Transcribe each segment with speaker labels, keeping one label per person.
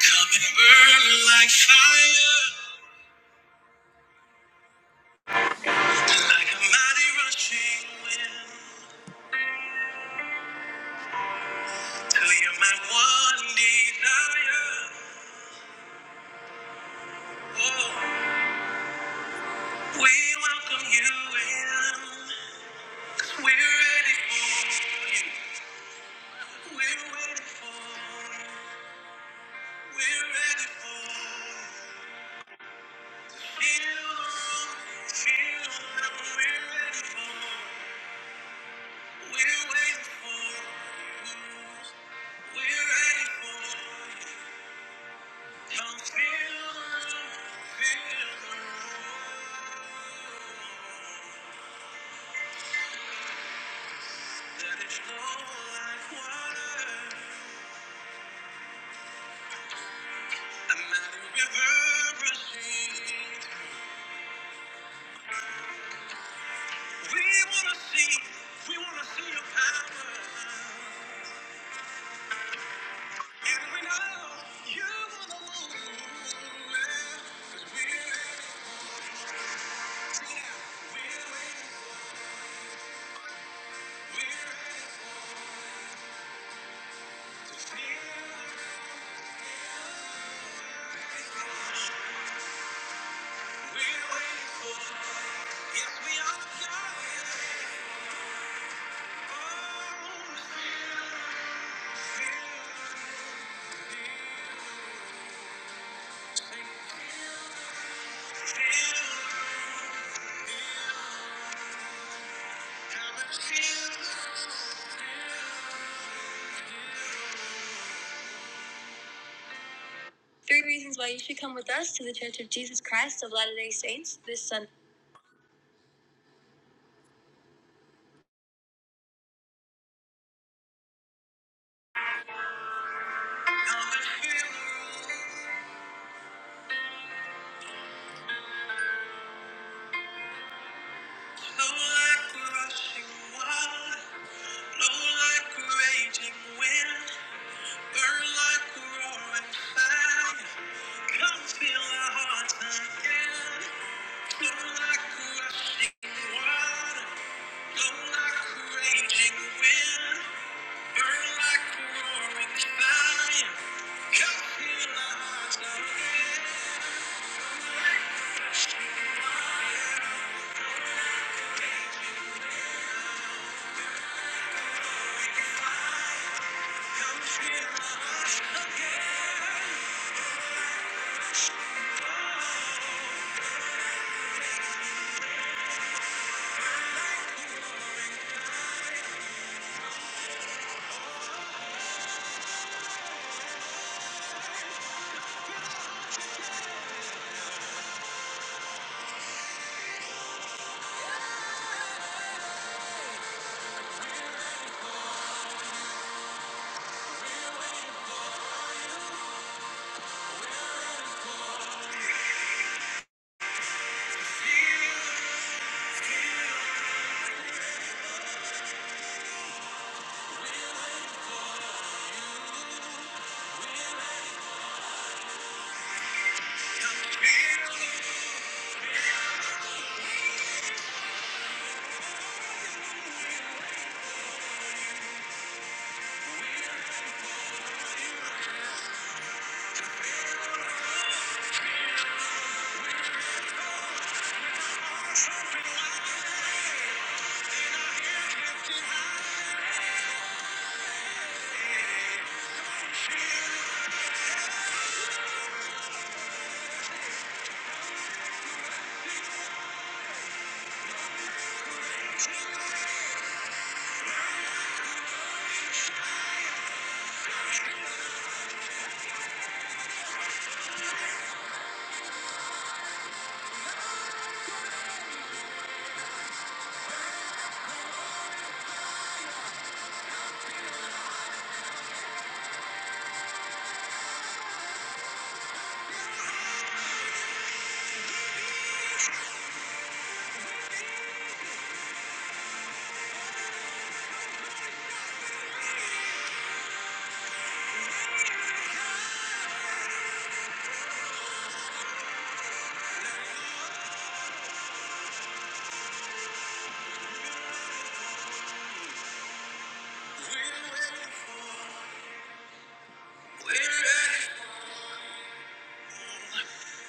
Speaker 1: Come and burn like fire, like a mighty rushing wind, till you're my one desire. Oh, we welcome you in, 'cause we're ready for you. We're ready for you. We're ready for you. Feel the room, feel the room. We're ready for you. We're waiting for you. We're ready for you. Come feel the- feel the room. Let it flow like water. A river proceeds. We wanna see, we wanna see your power. And we know you are the one. 'Cause we're ready, we're ready, we're ready to feel. We're waiting for, yes we are, like like rushing water, blow like raging wind. Cause we're ready for, we're ready.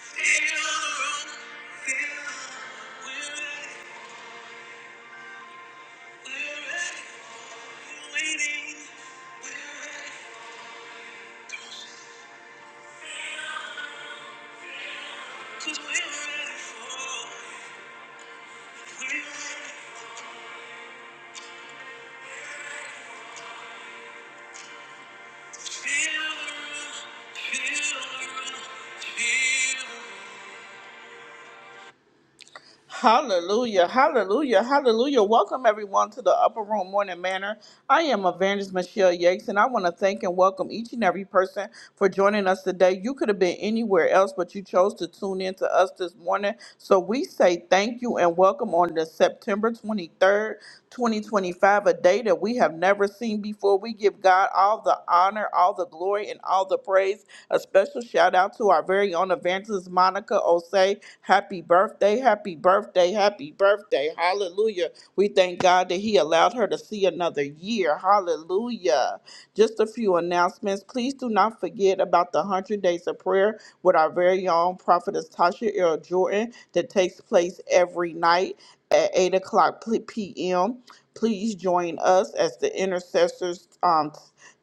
Speaker 1: Feel the room, feel the room, feel the room. Hallelujah, hallelujah, hallelujah. Welcome everyone to the Upper Room Morning Manor. I am Evangelist Michelle Yates, and I want to thank and welcome each and every person for joining us today. You could have been anywhere else, but you chose to tune in to us this morning. So we say thank you and welcome on the September 23rd, 2025, a day that we have never seen before. We give God all the honor, all the glory, and all the praise. A special shout out to our very own evangelist Monica Osei Happy birthday, happy birthday, happy birthday. Hallelujah. We thank God that He allowed her to see another year. Hallelujah. Just a few announcements. Please do not forget about the 100 Days of Prayer with our very own prophetess Tasha Earl Jordan that takes place every night at 8 o'clock p- p.m. Please join us as the intercessors um,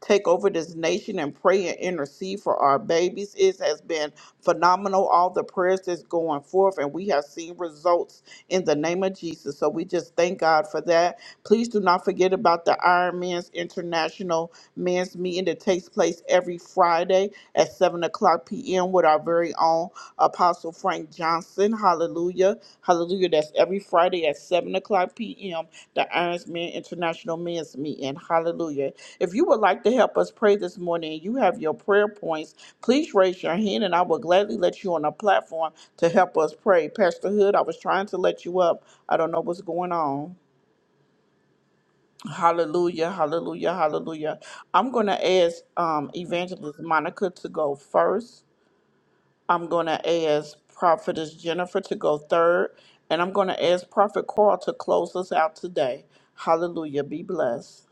Speaker 1: take over this nation and pray and intercede for our babies. It has been phenomenal, all the prayers that's going forth, and we have seen results in the name of Jesus. So we just thank God for that. Please do not forget about the Iron Man's International Men's Meeting that takes place every Friday at 7 o'clock p.m. with our very own Apostle Frank Johnson. Hallelujah. Hallelujah. That's every Friday at 7 o'clock p.m., the Irons Men International Men's Meeting. Hallelujah. If you would like to help us pray this morning and you have your prayer points, please raise your hand and I will gladly let you on the platform to help us pray. Pastor Hood, I was trying to let you up. I don't know what's going on. Hallelujah, hallelujah, hallelujah. I'm going to ask um, Evangelist Monica to go first. I'm going to ask Prophetess Jennifer to go third, and I'm going to ask Prophet Carl to close us out today. Hallelujah. Be blessed.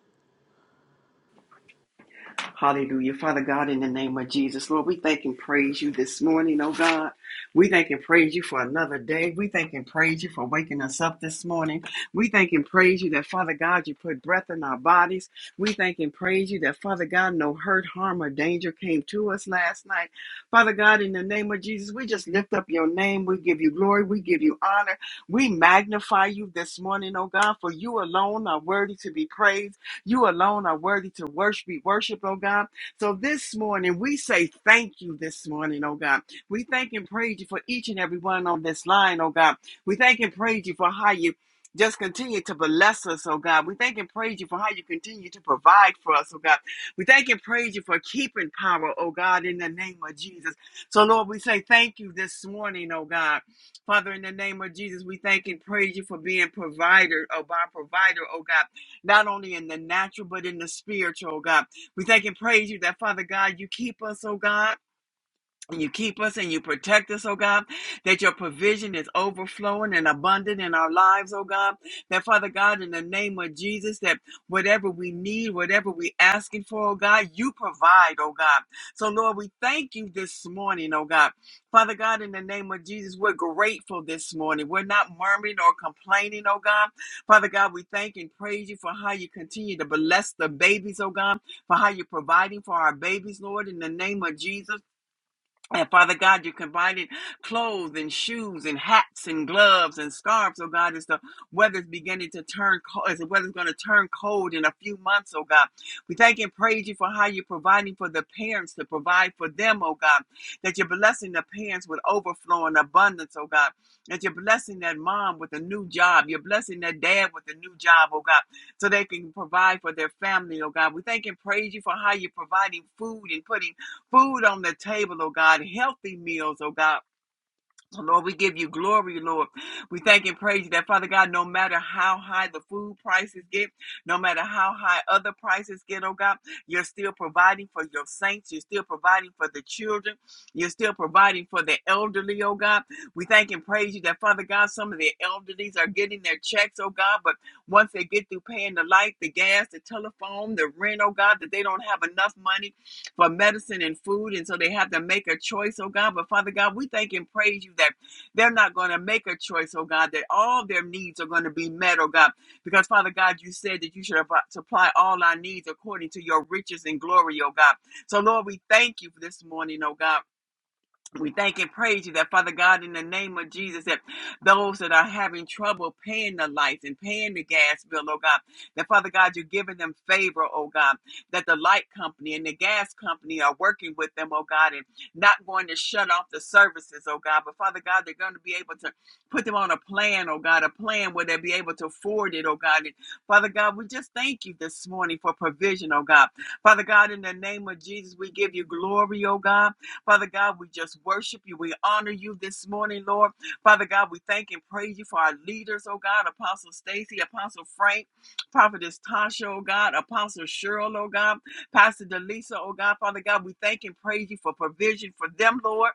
Speaker 2: Hallelujah. Father God, in the name of Jesus, Lord, we thank and praise you this morning, oh God. We thank and praise you for another day. We thank and praise you for waking us up this morning. We thank and praise you that, Father God, you put breath in our bodies. We thank and praise you that, Father God, no hurt, harm, or danger came to us last night. Father God, in the name of Jesus, we just lift up your name. We give you glory. We give you honor. We magnify you this morning, oh God, for you alone are worthy to be praised. You alone are worthy to worship, be worshiped, oh God. So this morning, we say thank you this morning, oh God. We thank and praise you for each and every one on this line, oh God. We thank and praise you for how you just continue to bless us, oh God. We thank and praise you for how you continue to provide for us, oh God. We thank and praise you for keeping power, oh God, in the name of Jesus. So, Lord, we say thank you this morning, oh God. Father, in the name of Jesus, we thank and praise you for being provider, oh God, provider, oh God not only in the natural, but in the spiritual, oh God. We thank and praise you that, Father God, you keep us, oh God and you keep us and you protect us, oh God, that your provision is overflowing and abundant in our lives, oh God. That Father God, in the name of Jesus, that whatever we need, whatever we asking for, oh God, you provide, oh God. So Lord, we thank you this morning, oh God. Father God, in the name of Jesus, we're grateful this morning. We're not murmuring or complaining, oh God. Father God, we thank and praise you for how you continue to bless the babies, oh God, for how you're providing for our babies, Lord, in the name of Jesus. And Father God, you provided clothes and shoes and hats and gloves and scarves, oh God, as the weather's beginning to turn cold, as the weather's going to turn cold in a few months, oh God. We thank and praise you for how you're providing for the parents to provide for them, oh God, that you're blessing the parents with overflow and abundance, oh God, that you're blessing that mom with a new job, you're blessing that dad with a new job, oh God, so they can provide for their family, oh God. We thank and praise you for how you're providing food and putting food on the table, oh God, healthy meals, oh God. So, Lord, we give you glory, Lord. We thank and praise you that, Father God, no matter how high the food prices get, no matter how high other prices get, oh God, you're still providing for your saints. You're still providing for the children. You're still providing for the elderly, oh God. We thank and praise you that, Father God, some of the elderlies are getting their checks, oh God, but once they get through paying the light, the gas, the telephone, the rent, oh God, that they don't have enough money for medicine and food. And so they have to make a choice, oh God. But Father God, we thank and praise you that they're not going to make a choice, oh God, that all their needs are going to be met, oh God. Because Father God, you said that you should supply all our needs according to your riches and glory, oh God. So Lord, we thank you for this morning, oh God. We thank and praise you that, Father God, in the name of Jesus, that those that are having trouble paying the lights and paying the gas bill, oh God, that, Father God, you're giving them favor, oh God, that the light company and the gas company are working with them, oh God, and not going to shut off the services, oh God, but, Father God, they're going to be able to put them on a plan, oh God, a plan where they'll be able to afford it, oh God. And, Father God, we just thank you this morning for provision, oh God. Father God, in the name of Jesus, we give you glory, oh God. Father God, we just worship you. We honor you this morning, Lord. Father God, we thank and praise you for our leaders, oh God, Apostle Stacy, Apostle Frank, Prophetess Tasha, oh God, Apostle Cheryl, oh God, Pastor Delisa, oh God, Father God, we thank and praise you for provision for them, Lord.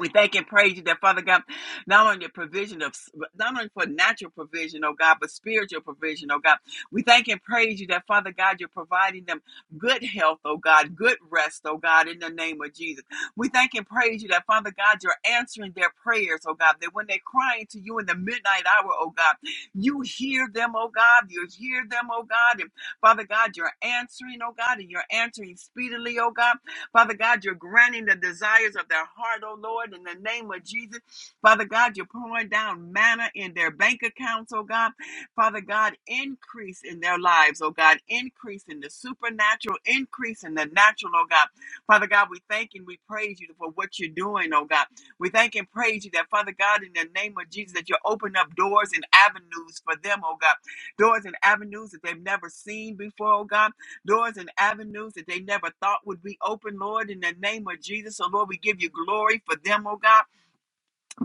Speaker 2: We thank and praise you that Father God, not only the provision of not only for natural provision, oh God, but spiritual provision, oh God. We thank and praise you that Father God, you're providing them good health, oh God, good rest, oh God, in the name of Jesus. We thank and praise you that Father God, you're answering their prayers, oh God, that when they're crying to you in the midnight hour, oh God, you hear them, oh God, you hear them, oh God, and Father God, you're answering, oh God, and you're answering speedily, oh God. Father God, you're granting the desires of their heart, oh Lord, in the name of Jesus. Father God, you're pouring down manna in their bank accounts, oh God. Father God, increase in their lives, oh God, increase in the supernatural, increase in the natural, oh God. Father God, we thank and we praise you for what you're doing, oh God. We thank and praise you that, Father God, in the name of Jesus, that you open up doors and avenues for them, oh God. Doors and avenues that they've never seen before, oh God doors and avenues that they never thought would be open, Lord, in the name of Jesus. So, Lord, we give you glory for them, oh God.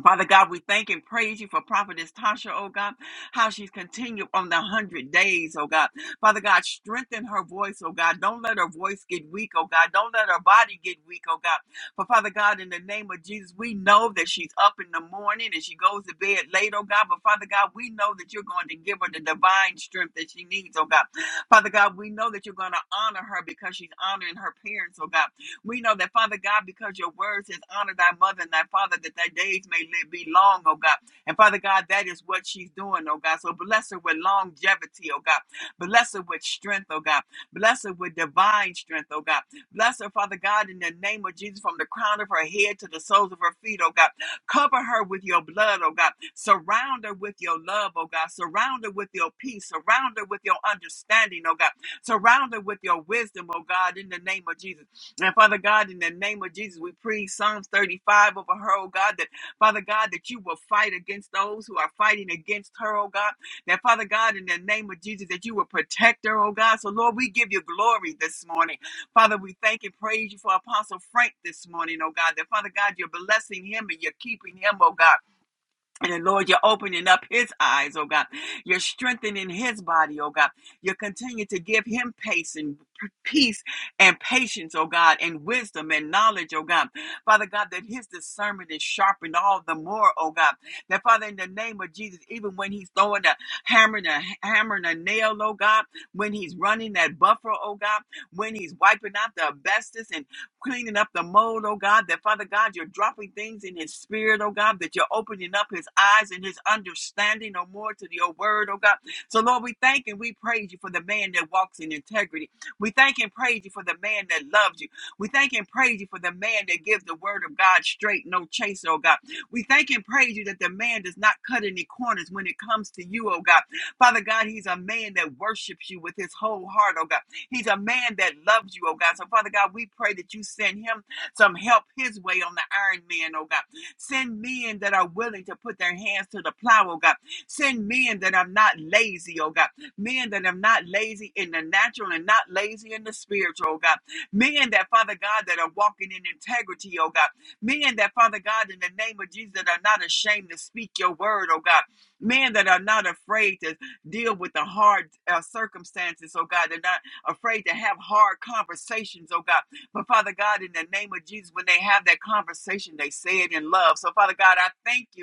Speaker 2: Father God, we thank and praise you for Prophetess Tasha, oh God, how she's continued on the hundred days, oh God. Father God, strengthen her voice, oh God. Don't let her voice get weak, oh God. Don't let her body get weak, oh God. For Father God, in the name of Jesus, we know that she's up in the morning and she goes to bed late, oh God. But Father God, we know that you're going to give her the divine strength that she needs, oh God. Father God, we know that you're going to honor her because she's honoring her parents, oh God. We know that, Father God, because your word says, honor thy mother and thy father, that thy days may live, be long, oh God. And Father God, that is what she's doing, oh God. So bless her with longevity, oh God. Bless her with strength, oh God. Bless her with divine strength, oh God. Bless her, Father God, in the name of Jesus, from the crown of her head to the soles of her feet, oh God. Cover her with your blood, oh God. Surround her with your love, oh God. Surround her with your peace. Surround her with your understanding, oh God. Surround her with your wisdom, oh God, in the name of Jesus. And Father God, in the name of Jesus, we pray Psalms 35 over her, oh God, that Father God, that you will fight against those who are fighting against her, oh God. That Father God, in the name of Jesus, that you will protect her, oh God. So Lord, we give you glory this morning. Father, we thank and praise you for Apostle Frank this morning, oh God. That Father God, you're blessing him and you're keeping him, oh God. And then, Lord, you're opening up his eyes, oh God. You're strengthening his body, oh God. You continue to give him pace and peace and patience, oh God, and wisdom and knowledge, oh God. Father God, that his discernment is sharpened all the more, oh God. That Father, in the name of Jesus, even when he's throwing a hammer and a hammer and a nail, oh God, when he's running that buffer, oh God, when he's wiping out the asbestos and cleaning up the mold, oh God, that Father God, you're dropping things in his spirit, oh God, that you're opening up his eyes and his understanding, oh more to your word, oh God. So Lord, we thank and we praise you for the man that walks in integrity. We thank and praise you for the man that loves you. We thank and praise you for the man that gives the word of God straight, no chase, oh God. We thank and praise you that the man does not cut any corners when it comes to you, oh God. Father God, he's a man that worships you with his whole heart, oh God. He's a man that loves you, oh God. So, Father God, we pray that you send him some help his way on the iron man, oh God. Send men that are willing to put their hands to the plow, oh God. Send men that are not lazy, oh God. Men that are not lazy in the natural and not lazy in the spiritual, oh God. Men that, Father God, that are walking in integrity, oh God. Men that, Father God, in the name of Jesus, that are not ashamed to speak your word, oh God. Men that are not afraid to deal with the hard uh, circumstances, oh God. and afraid to have hard conversations, oh God. But Father God, in the name of Jesus, when they have that conversation, they say it in love. So Father God, I thank you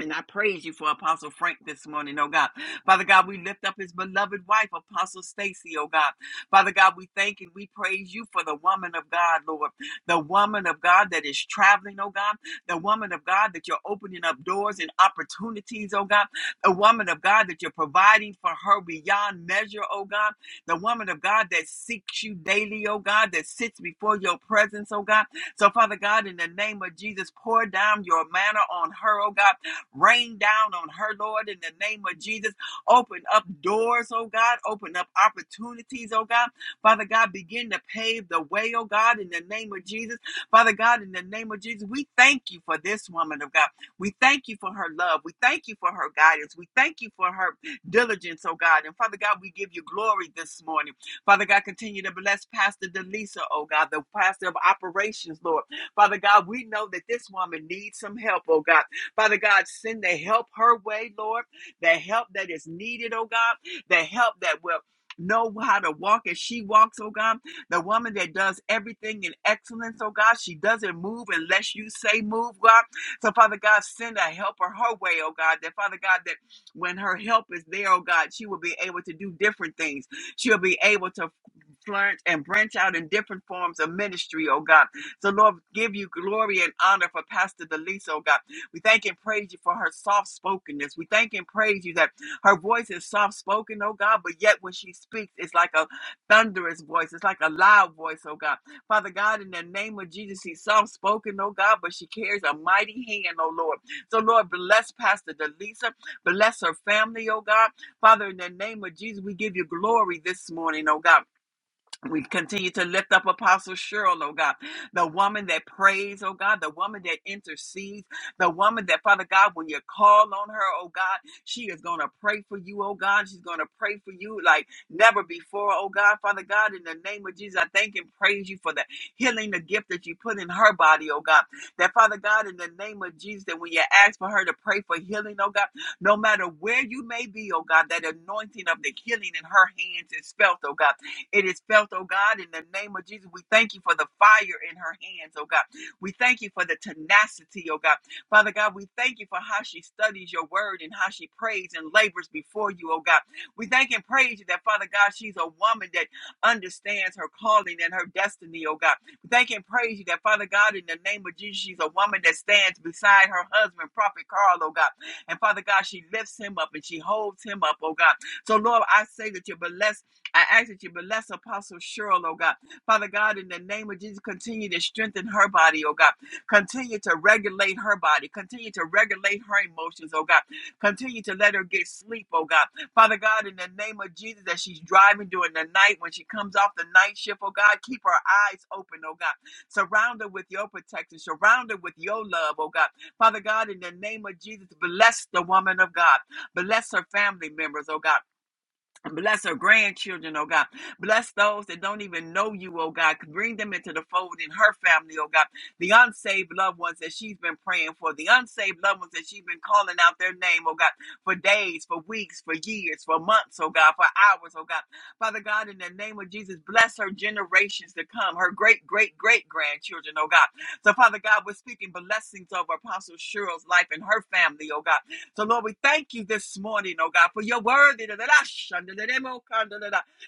Speaker 2: and I praise you for Apostle Frank this morning, oh God. Father God, we lift up his beloved wife, Apostle Stacy, oh God. Father God, we thank and we praise you for the woman of God, Lord. The woman of God that is traveling, oh God. The woman of God that you're opening up doors and opportunities, oh God. The woman of God that you're providing for her beyond measure, oh God. The woman of God that seeks you daily, oh God, that sits before your presence, oh God. So, Father God, in the name of Jesus, pour down your manner on her, oh God Rain down on her, Lord, in the name of Jesus. Open up doors, oh God. Open up opportunities, oh God. Father God, begin to pave the way, oh God, in the name of Jesus. Father God, in the name of Jesus, we thank you for this woman of God. We thank you for her love. We thank you for her guidance. We thank you for her diligence, oh God. And Father God, we give you glory this morning. Father God, continue to bless Pastor Delisa, oh God, the pastor of operations, Lord. Father God, we know that this woman needs some help, oh God. Father God, send the help her way, Lord, the help that is needed, oh God, the help that will know how to walk as she walks, oh God, the woman that does everything in excellence, oh God, she doesn't move unless you say move, God. So, Father God, send a helper her way, oh God, that Father God, that when her help is there, oh God, she will be able to do different things. She'll be able to flourish and branch out in different forms of ministry, oh God. So, Lord, give you glory and honor for Pastor Delisa, oh God. We thank and praise you for her soft spokenness. We thank and praise you that her voice is soft spoken, oh God, but yet when she speaks, it's like a thunderous voice. It's like a loud voice, oh God. Father God, in the name of Jesus, she's soft spoken, oh God, but she carries a mighty hand, oh Lord. So, Lord, bless Pastor Delisa. Bless her family, oh God. Father, in the name of Jesus, we give you glory this morning, oh God. We continue to lift up Apostle Cheryl, oh God, the woman that prays, oh God, the woman that intercedes, the woman that, Father God, when you call on her, oh God, she is going to pray for you, oh God. She's going to pray for you like never before, oh God. Father God, in the name of Jesus, I thank and praise you for the healing, the gift that you put in her body, oh God. That, Father God, in the name of Jesus, that when you ask for her to pray for healing, oh God, no matter where you may be, oh God, that anointing of the healing in her hands is felt, oh God it is felt, oh God, in the name of Jesus. We thank you for the fire in her hands, oh God. We thank you for the tenacity, oh God. Father God, we thank you for how she studies your word and how she prays and labors before you, oh God. We thank and praise you that, Father God, she's a woman that understands her calling and her destiny, oh God. We thank and praise you that, Father God, in the name of Jesus, she's a woman that stands beside her husband, Prophet Carl, oh God. And Father God, she lifts him up and she holds him up, oh God. So, Lord, I say that you bless. I ask that you bless Apostle Cheryl, oh God. Father God, in the name of Jesus, continue to strengthen her body, oh God. Continue to regulate her body. Continue to regulate her emotions, oh God. Continue to let her get sleep, oh God. Father God, in the name of Jesus, that she's driving during the night, when she comes off the night shift, oh God, keep her eyes open, oh God. Surround her with your protection. Surround her with your love, oh God. Father God, in the name of Jesus, bless the woman of God. Bless her family members, oh God. Bless her grandchildren, oh God. Bless those that don't even know you, oh God. Bring them into the fold in her family, oh God. The unsaved loved ones that she's been praying for, the unsaved loved ones that she's been calling out their name, oh God, for days, for weeks, for years, for months, oh God, for hours, oh God. Father God, in the name of Jesus, bless her generations to come, her great, great, great grandchildren, oh God. So, Father God, we're speaking blessings over Apostle Cheryl's life and her family, oh God. So, Lord, we thank you this morning, oh God, for you're worthy.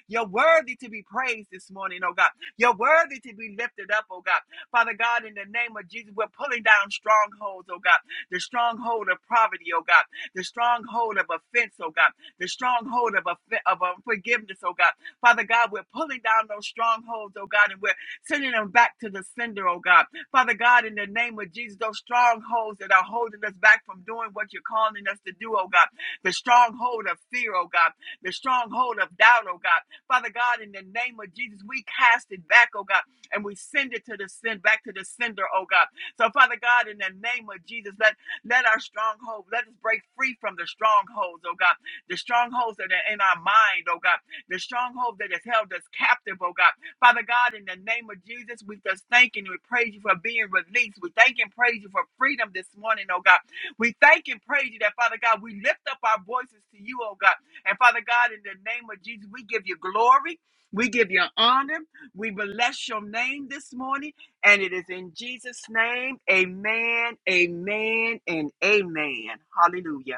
Speaker 2: You're worthy to be praised this morning, oh God. You're worthy to be lifted up, oh God. Father God, in the name of Jesus, we're pulling down strongholds, oh God. The stronghold of poverty, oh God. The stronghold of offense, oh God. The stronghold of, offe- of unforgiveness, oh God. Father God, we're pulling down those strongholds, oh God, and we're sending them back to the sender, oh God. Father God, in the name of Jesus, those strongholds that are holding us back from doing what you're calling us to do, oh God, the stronghold of fear, oh God, the stronghold of doubt, oh God. Father God, in the name of Jesus, we cast it back, oh God, and we send it to the send back to the sender, oh God. So, Father God, in the name of Jesus, let let our stronghold, let us break free from the strongholds, oh God, the strongholds that are in our mind, oh God, the stronghold that has held us captive, oh God. Father God, in the name of Jesus, we just thank and we praise you for being released. We thank and praise you for freedom this morning, oh God. We thank and praise you that, Father God, we lift up our voices to you, oh God. And Father God, in the name of Jesus, we give you glory. We give you honor. We bless your name this morning. And it is in Jesus' name. Amen, amen, and amen. Hallelujah.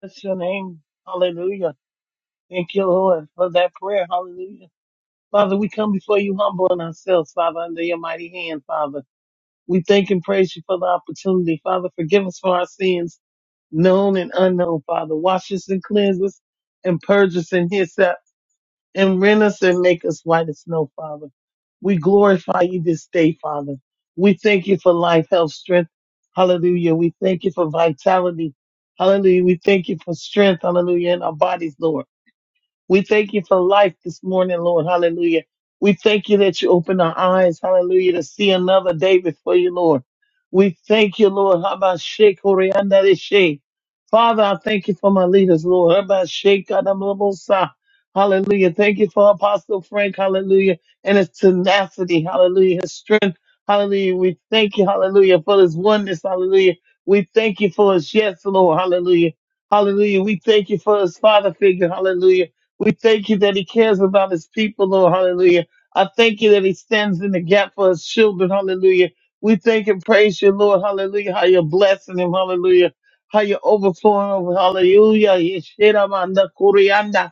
Speaker 3: That's your name. Hallelujah. Thank you, Lord, for that prayer. Hallelujah. Father, we come before you humbling ourselves, Father, under your mighty hand, Father. We thank and praise you for the opportunity. Father, forgive us for our sins, known and unknown, Father. Wash us and cleanse us and purge us in His and rend us and make us white as snow, Father. We glorify you this day, Father. We thank you for life, health, strength. Hallelujah. We thank you for vitality. Hallelujah. We thank you for strength. Hallelujah. In our bodies, Lord. We thank you for life this morning, Lord. Hallelujah. We thank you that you open our eyes, hallelujah, to see another day before you, Lord. We thank you, Lord. Habashe koreandare she. Father, I thank you for my leaders, Lord. Habashe kadamlobosa. Hallelujah. Thank you for Apostle Frank, hallelujah, and his tenacity, hallelujah, his strength, hallelujah. We thank you, hallelujah, for his oneness, hallelujah. We thank you for his yes, Lord, hallelujah. Hallelujah. We thank you for his father figure, hallelujah. We thank you that he cares about his people, Lord. Hallelujah. I thank you that he stands in the gap for his children. Hallelujah. We thank and praise you, Lord. Hallelujah. How you're blessing him. Hallelujah. How you're overflowing. Hallelujah. Yeshira manda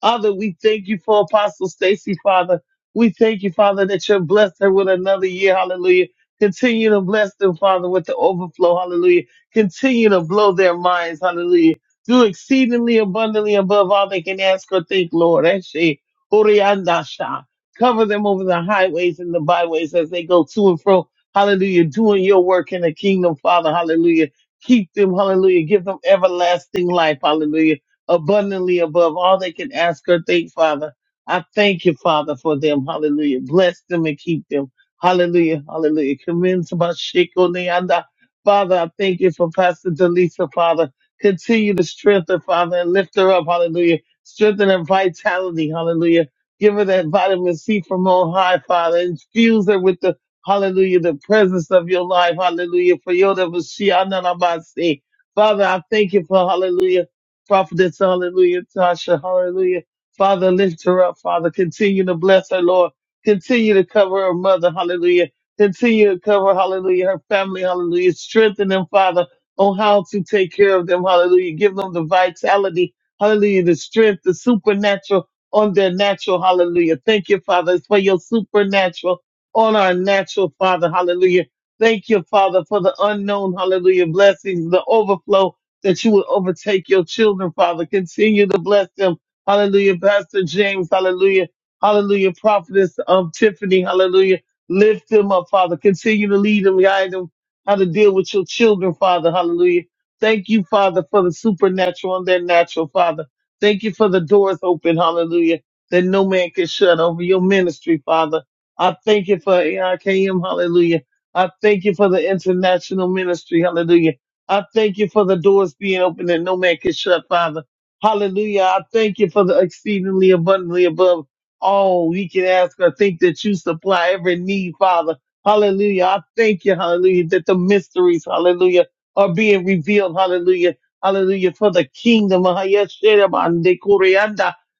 Speaker 3: Father, we thank you for Apostle Stacy, Father. We thank you, Father, that you're blessed her with another year. Hallelujah. Continue to bless them, Father, with the overflow. Hallelujah. Continue to blow their minds. Hallelujah. Do exceedingly abundantly above all they can ask or think, Lord. Eshe, Oriandasha. Cover them over the highways and the byways as they go to and fro. Hallelujah. Doing your work in the kingdom, Father. Hallelujah. Keep them. Hallelujah. Give them everlasting life. Hallelujah abundantly above all they can ask or think, Father. I thank you, Father, for them. Hallelujah. Bless them and keep them. Hallelujah. Hallelujah. Commence about Shiko Neanda. Father, I thank you for Pastor Delisa, Father. Continue to strengthen, Father, and lift her up. Hallelujah. Strengthen her vitality. Hallelujah. Give her that vitamin C from on high, Father. Infuse her with the Hallelujah, the presence of your life. Hallelujah. For your Father, I thank you for hallelujah prophetess, hallelujah, Tasha, hallelujah. Father, lift her up, Father. Continue to bless her, Lord. Continue to cover her mother, hallelujah. Continue to cover, hallelujah, her family, hallelujah. Strengthen them, Father, on how to take care of them, hallelujah. Give them the vitality, hallelujah, the strength, the supernatural on their natural, hallelujah. Thank you, Father, it's for your supernatural on our natural, Father, hallelujah. Thank you, Father, for the unknown, hallelujah, blessings, the overflow, that you would overtake your children, Father. Continue to bless them. Hallelujah. Pastor James, hallelujah. Hallelujah. Prophetess um, Tiffany, hallelujah. Lift them up, Father. Continue to lead them, guide them how to deal with your children, Father. Hallelujah. Thank you, Father, for the supernatural and their natural, Father. Thank you for the doors open, hallelujah, that no man can shut over your ministry, Father. I thank you for AIKM, hallelujah. I thank you for the international ministry, hallelujah. I thank you for the doors being open and no man can shut, Father. Hallelujah. I thank you for the exceedingly abundantly above all we can ask or think that you supply every need, Father. Hallelujah. I thank you, hallelujah, that the mysteries, hallelujah, are being revealed, hallelujah. Hallelujah. For the kingdom, ah, yes,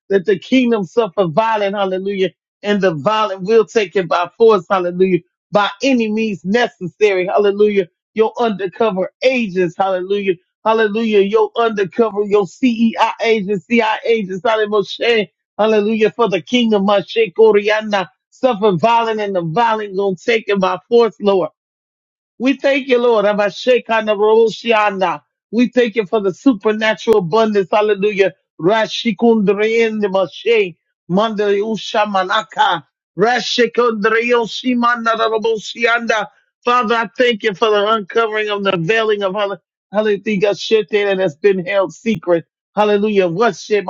Speaker 3: that the kingdom suffer violent, hallelujah, and the violent will take it by force, hallelujah, by any means necessary, hallelujah your undercover agents, hallelujah, hallelujah, your undercover, your CEI agents, CI agents, hallelujah, Moshe. hallelujah, for the kingdom, Moshe Koriana, suffer violent and the violent gonna take it by force, Lord. We thank you, Lord. Abashekanabaroshiana. We thank you for the supernatural abundance. Hallelujah. Rashikundriyendimashe. Mandayushamanaka. Rashikundriyoshimanadaraboshianda. Father, I thank you for the uncovering of the veiling of hall- hallelujah shit that has been held secret. Hallelujah. What she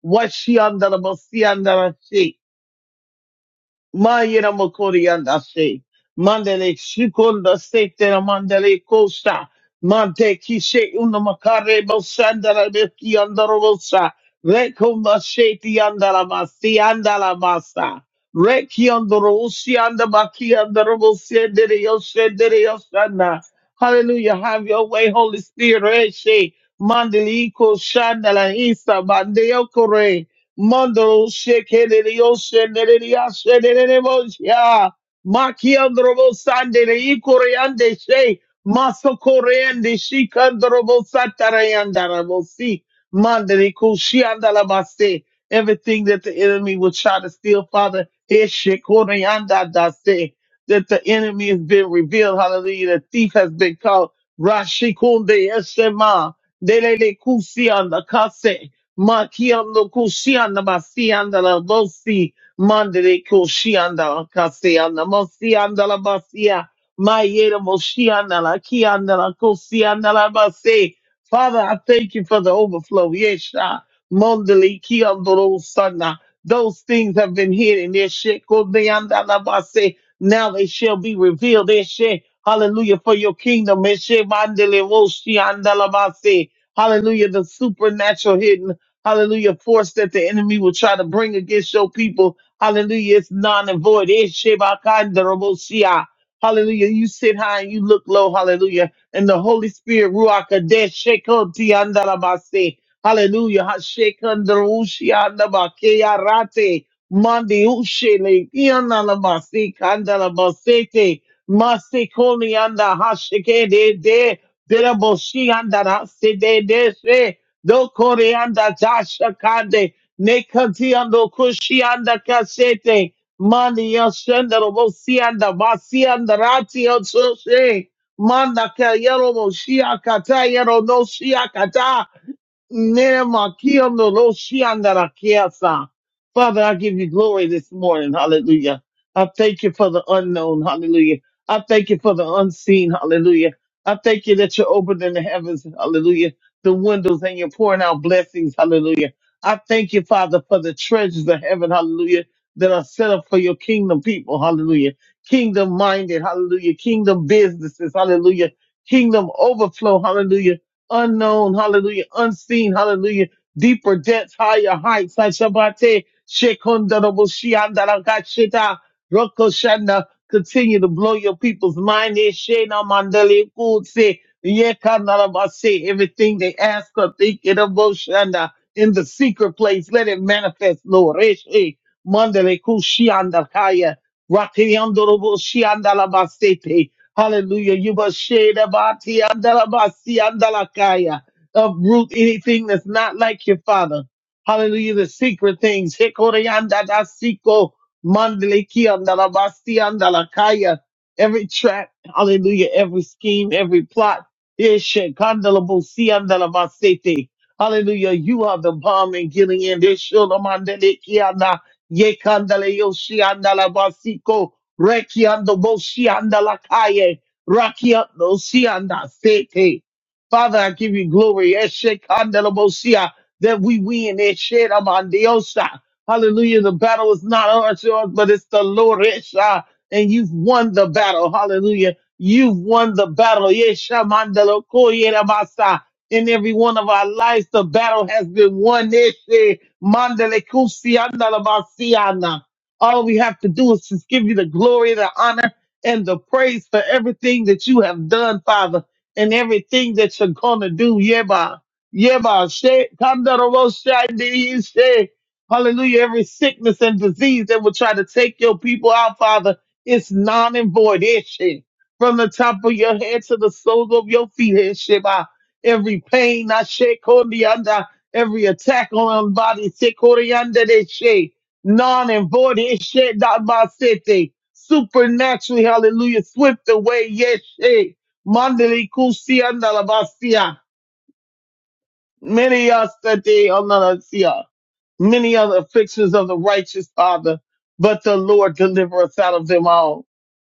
Speaker 3: what she under the Mayra Mokorianda se. Mandele Shikonda, Sekta Mandele Costa. Mante Kishe Una Makare Bosandara Beki Andarosa. Rekumba Sheti Andala Masi Andala Masa. Reki Andorosi Andabaki Andarosi Deriosa Deriosana. Hallelujah. Have your way, Holy Spirit. Reshe. Mandeliko Shandala Isa Mandeo Mandro shekele dio shendele dia shendele nebo ya. Makiandrobo sandele ikoreande she. Masokoreande shikandrobo satarayandarabo si. Mandere kushiandalabase. Everything that the enemy will try to steal, Father, is shekoreandadase. That the enemy has been revealed. Hallelujah. The thief has been caught. Rashikunde eshema. Delele kusianda kase. Makiando kushianda basianda la dosi mandere kushianda la kasianda mosianda la basia mayera moshianda la kianda la kushianda la basi. Father, I thank you for the overflow. Yesha mondeli kiando lo sana. Those things have been hidden. Yeshe kodeanda la basi. Now they shall be revealed. Yeshe hallelujah for your kingdom. Yeshe mandele moshianda la basi. Hallelujah, the supernatural hidden. Hallelujah. Force that the enemy will try to bring against your people. Hallelujah. It's non and void. It's Shebakandarabosia. Hallelujah. You sit high and you look low. Hallelujah. And the Holy Spirit, Ruach Kadesh, Shekotiandarabase. Hallelujah. Hashekandarusiandabakearate. Mandiushele. Iandalamase. Kandalabasete. Masikonianda. Hashekede. De. Deraboshi. Andarase. De do koreanda dasha kande nekati ando kushianda kasete mani yoshenda robo sianda basianda rati yoshe manda ka yero mo shia kata yero no shia Neremakianoroshiandarakiasa. Father, I give you glory this morning. Hallelujah. I thank you for the unknown. Hallelujah. I thank you for the unseen. Hallelujah. I thank you that you're opening the heavens. Hallelujah. The windows and you're pouring out blessings. Hallelujah. I thank you, Father, for the treasures of heaven. Hallelujah. That are set up for your kingdom people. Hallelujah. Kingdom minded. Hallelujah. Kingdom businesses. Hallelujah. Kingdom overflow. Hallelujah unknown, hallelujah, unseen, hallelujah, deeper depths, higher heights, like Shabbat, Shekondarabushiyandalakashita, Rokoshanda, continue to blow your people's mind, Yeshena Mandele Kutse, Yekandarabase, everything they ask or think, Itaboshanda, in the secret place, let it manifest, Lord, Reshe, Mandele kushianda kaya Rakiandorobo shianda Rakiyandorobushiyandalabasete, Hallelujah. You must shade abati andalabasi andalakaya. Uproot anything that's not like your father. Hallelujah. The secret things. Hikoriandadasiko mandaliki andalabasi andalakaya. Every trap. Hallelujah. Every scheme, every plot. Ishe kandalabusi andalabasete. Hallelujah. You are the bomb in Gilead. Ishulamandaliki anda- Ye kandale yoshi andalabasiko. Rekiando Boshianda Lakaye. Rakiando Sianda Sete. Father, I give you glory. Eshekanda Bosia. That we win. Esheramandiosa. Hallelujah. The battle is not ours, yours, but it's the Lord. Esha. And you've won the battle. Hallelujah. You've won the battle. Yeshamandalo Koyeramasa. In every one of our lives, the battle has been won. Eshe. Mandele Kusianda Labasiana. All we have to do is just give you the glory, the honor, and the praise for everything that you have done, Father, and everything that you're gonna do. Yeba, yeba, she- Kandarabo shandi, she- Hallelujah. Every sickness and disease that will try to take your people out, Father, it's non and void. Eshe. From the top of your head to the soles of your feet, Sheba. Every pain, I shake on under. Every attack on our body, shake on the under non and void. It shed not my city. Supernaturally, hallelujah, swift away, yes, shit. Mandali kusi andalabasia. Many are today, andalabasia. Many are the afflictions of the righteous, Father, but the Lord deliver us out of them all.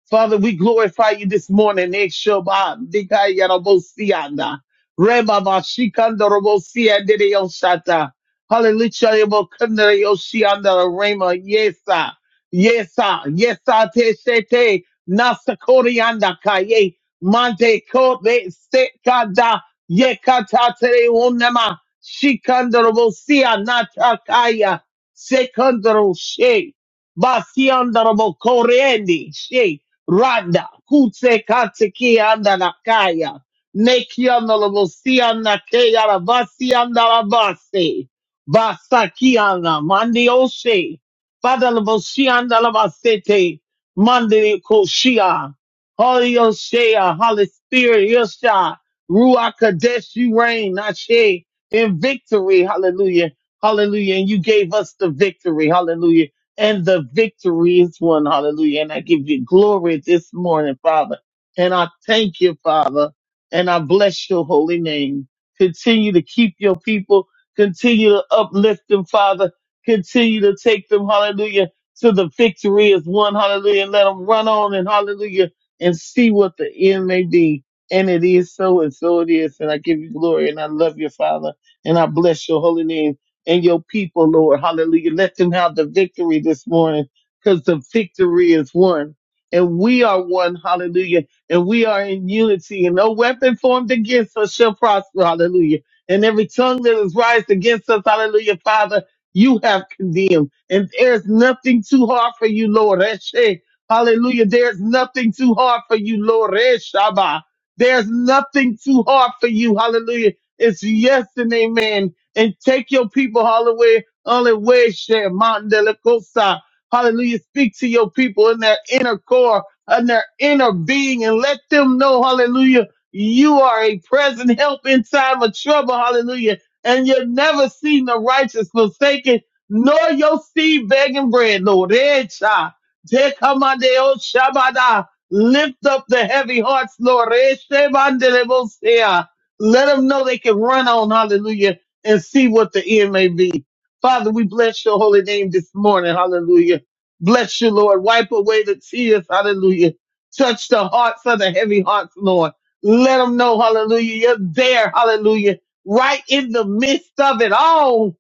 Speaker 3: Father, we glorify you this morning. Ekshoba, dikaya robo siyanda. Reba ba shikanda robo siyande de yoshata. Hallelujah. robo kanda yoshiyanda de rema. yesa yesa yes, sir. yes, sir. te shete nasakorianda kaye mante kote sekada yekata tere onema shikanda robo siyanda takaya sekanda robo she basianda robo korendi she. Randa, Kutse Kateki anda Nakaya, Neki anda Lavosi anda Keya Rabasi anda Rabase, Basaki anda Mandi Oshe, pada Lavosi anda Lavasete, Mandi Koshia, Holy Oshea, Holy Spirit, Yosha, Ruach Kadesh, you reign, Ashe, in victory, hallelujah, hallelujah, and you gave us the victory, hallelujah and the victory is won. Hallelujah. And I give you glory this morning, Father. And I thank you, Father. And I bless your holy name. Continue to keep your people. Continue to uplift them, Father. Continue to take them, hallelujah, to the victory is won. Hallelujah. And let them run on and hallelujah and see what the end may be. And it is so, and so it is. And I give you glory and I love you, Father. And I bless your holy name and your people, Lord. Hallelujah. Let them have the victory this morning because the victory is won. And we are one. Hallelujah. And we are in unity and no weapon formed against us shall prosper. Hallelujah. And every tongue that is raised against us. Hallelujah. Father, you have condemned and there's nothing too hard for you, Lord. Eshe. Hallelujah. There's nothing too hard for you, Lord. Eshaba. There's nothing too hard for you. Hallelujah. It's yes and amen and take your people all the way, all the way, share Mountain de la Costa. Hallelujah. Speak to your people in their inner core, in their inner being, and let them know, hallelujah, you are a present help in time of trouble. Hallelujah. And you've never seen the righteous forsaken, nor your seed begging bread, Lord. Eh, child. Te kamadeo shabada. Lift up the heavy hearts, Lord. Eh, shebandelebosea. Let them know they can run on. Hallelujah and see what the end may be. Father, we bless your holy name this morning. Hallelujah. Bless you, Lord. Wipe away the tears. Hallelujah. Touch the hearts of the heavy hearts, Lord. Let them know, hallelujah, you're there. Hallelujah. Right in the midst of it all.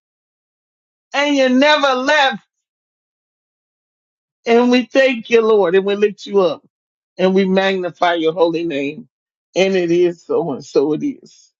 Speaker 3: And you never left. And we thank you, Lord. And we lift you up and we magnify your holy name. And it is so and so it is.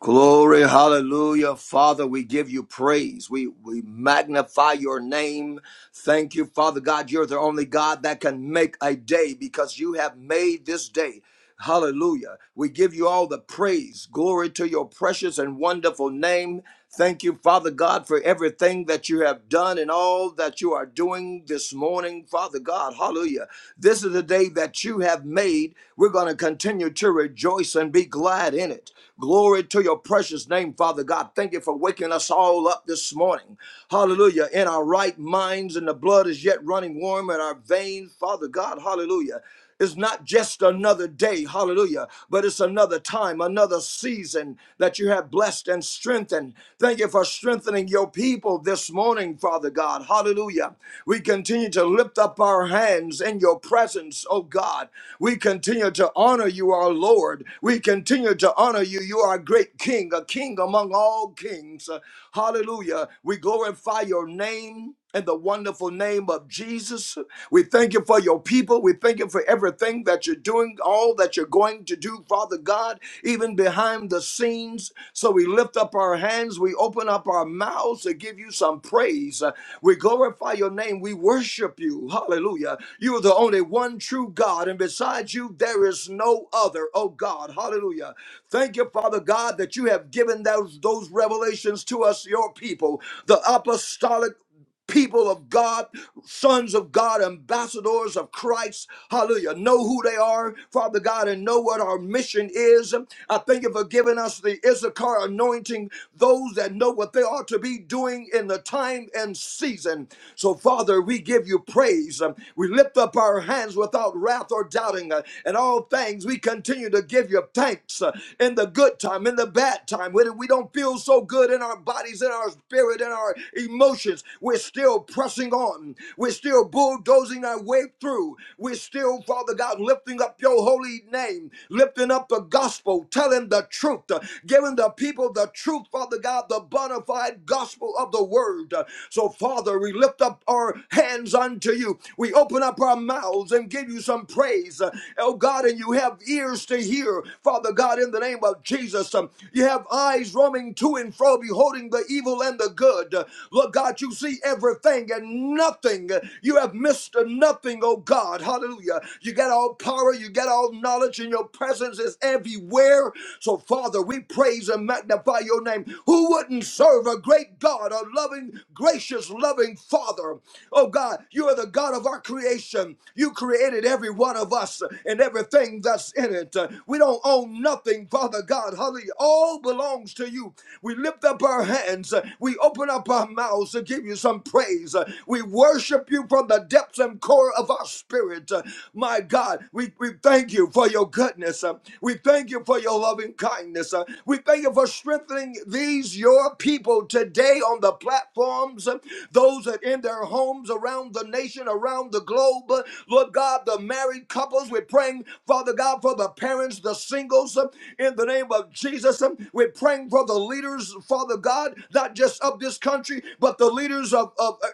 Speaker 4: Glory, hallelujah. Father, we give you praise. We, we magnify your name. Thank you, Father God. You're the only God that can make a day because you have made this day. Hallelujah. We give you all the praise. Glory to your precious and wonderful name. Thank you, Father God, for everything that you have done and all that you are doing this morning, Father God. Hallelujah. This is the day that you have made. We're going to continue to rejoice and be glad in it. Glory to your precious name, Father God. Thank you for waking us all up this morning. Hallelujah. In our right minds, and the blood is yet running warm in our veins, Father God. Hallelujah. It's not just another day, hallelujah, but it's another time, another season that you have blessed and strengthened. Thank you for strengthening your people this morning, Father God, hallelujah. We continue to lift up our hands in your presence, oh God. We continue to honor you, our Lord. We continue to honor you. You are a great King, a King among all kings, hallelujah. We glorify your name in the wonderful name of Jesus. We thank you for your people. We thank you for everything that you're doing, all that you're going to do, Father God, even behind the scenes. So we lift up our hands, we open up our mouths to give you some praise. We glorify your name, we worship you. Hallelujah. You are the only one true God, and besides you, there is no other, oh God. Hallelujah. Thank you, Father God, that you have given those, those revelations to us, your people, the apostolic people of God, sons of God, ambassadors of Christ. Hallelujah. Know who they are, Father God, and know what our mission is. I thank you for giving us the Issachar anointing, those that know what they ought to be doing in the time and season. So, Father, we give you praise. We lift up our hands without wrath or doubting. And all things, we continue to give you thanks uh, in the good time, in the bad time, when we don't feel so good in our bodies, in our spirit, in our emotions. We're we're still pressing on. We're still bulldozing our way through. We're still, Father God, lifting up your holy name, lifting up the gospel, telling the truth, uh, giving the people the truth, Father God, the bona fide gospel of the word. Uh, So, Father, we lift up our hands unto you. We open up our mouths and give you some praise. Uh, Oh God, and you have ears to hear, Father God, in the name of Jesus. Um, You have eyes roaming to and fro, beholding the evil and the good. Uh, Lord God, you see everything and nothing. You have missed nothing, oh God. Hallelujah. You got all power, you got all knowledge, and your presence is everywhere. So, Father, we praise and magnify your name. Who wouldn't serve a great God, a loving, gracious, loving Father? Oh God, you are the God of our creation. You created every one of us and everything that's in it. We don't own nothing, Father God. Hallelujah. All belongs to you. We lift up our hands. We open up our mouths to give you some praise and praise. Uh, We worship you from the depths and core of our spirit. Uh, My God, we, we thank you for your goodness. Uh, We thank you for your loving kindness. Uh, We thank you for strengthening these, your people, today on the platforms, uh, those that in their homes around the nation, around the globe. Uh, Lord God, the married couples, we're praying, Father God, for the parents, the singles, uh, in the name of Jesus. Um, We're praying for the leaders, Father God, not just of this country, but the leaders of of, of uh,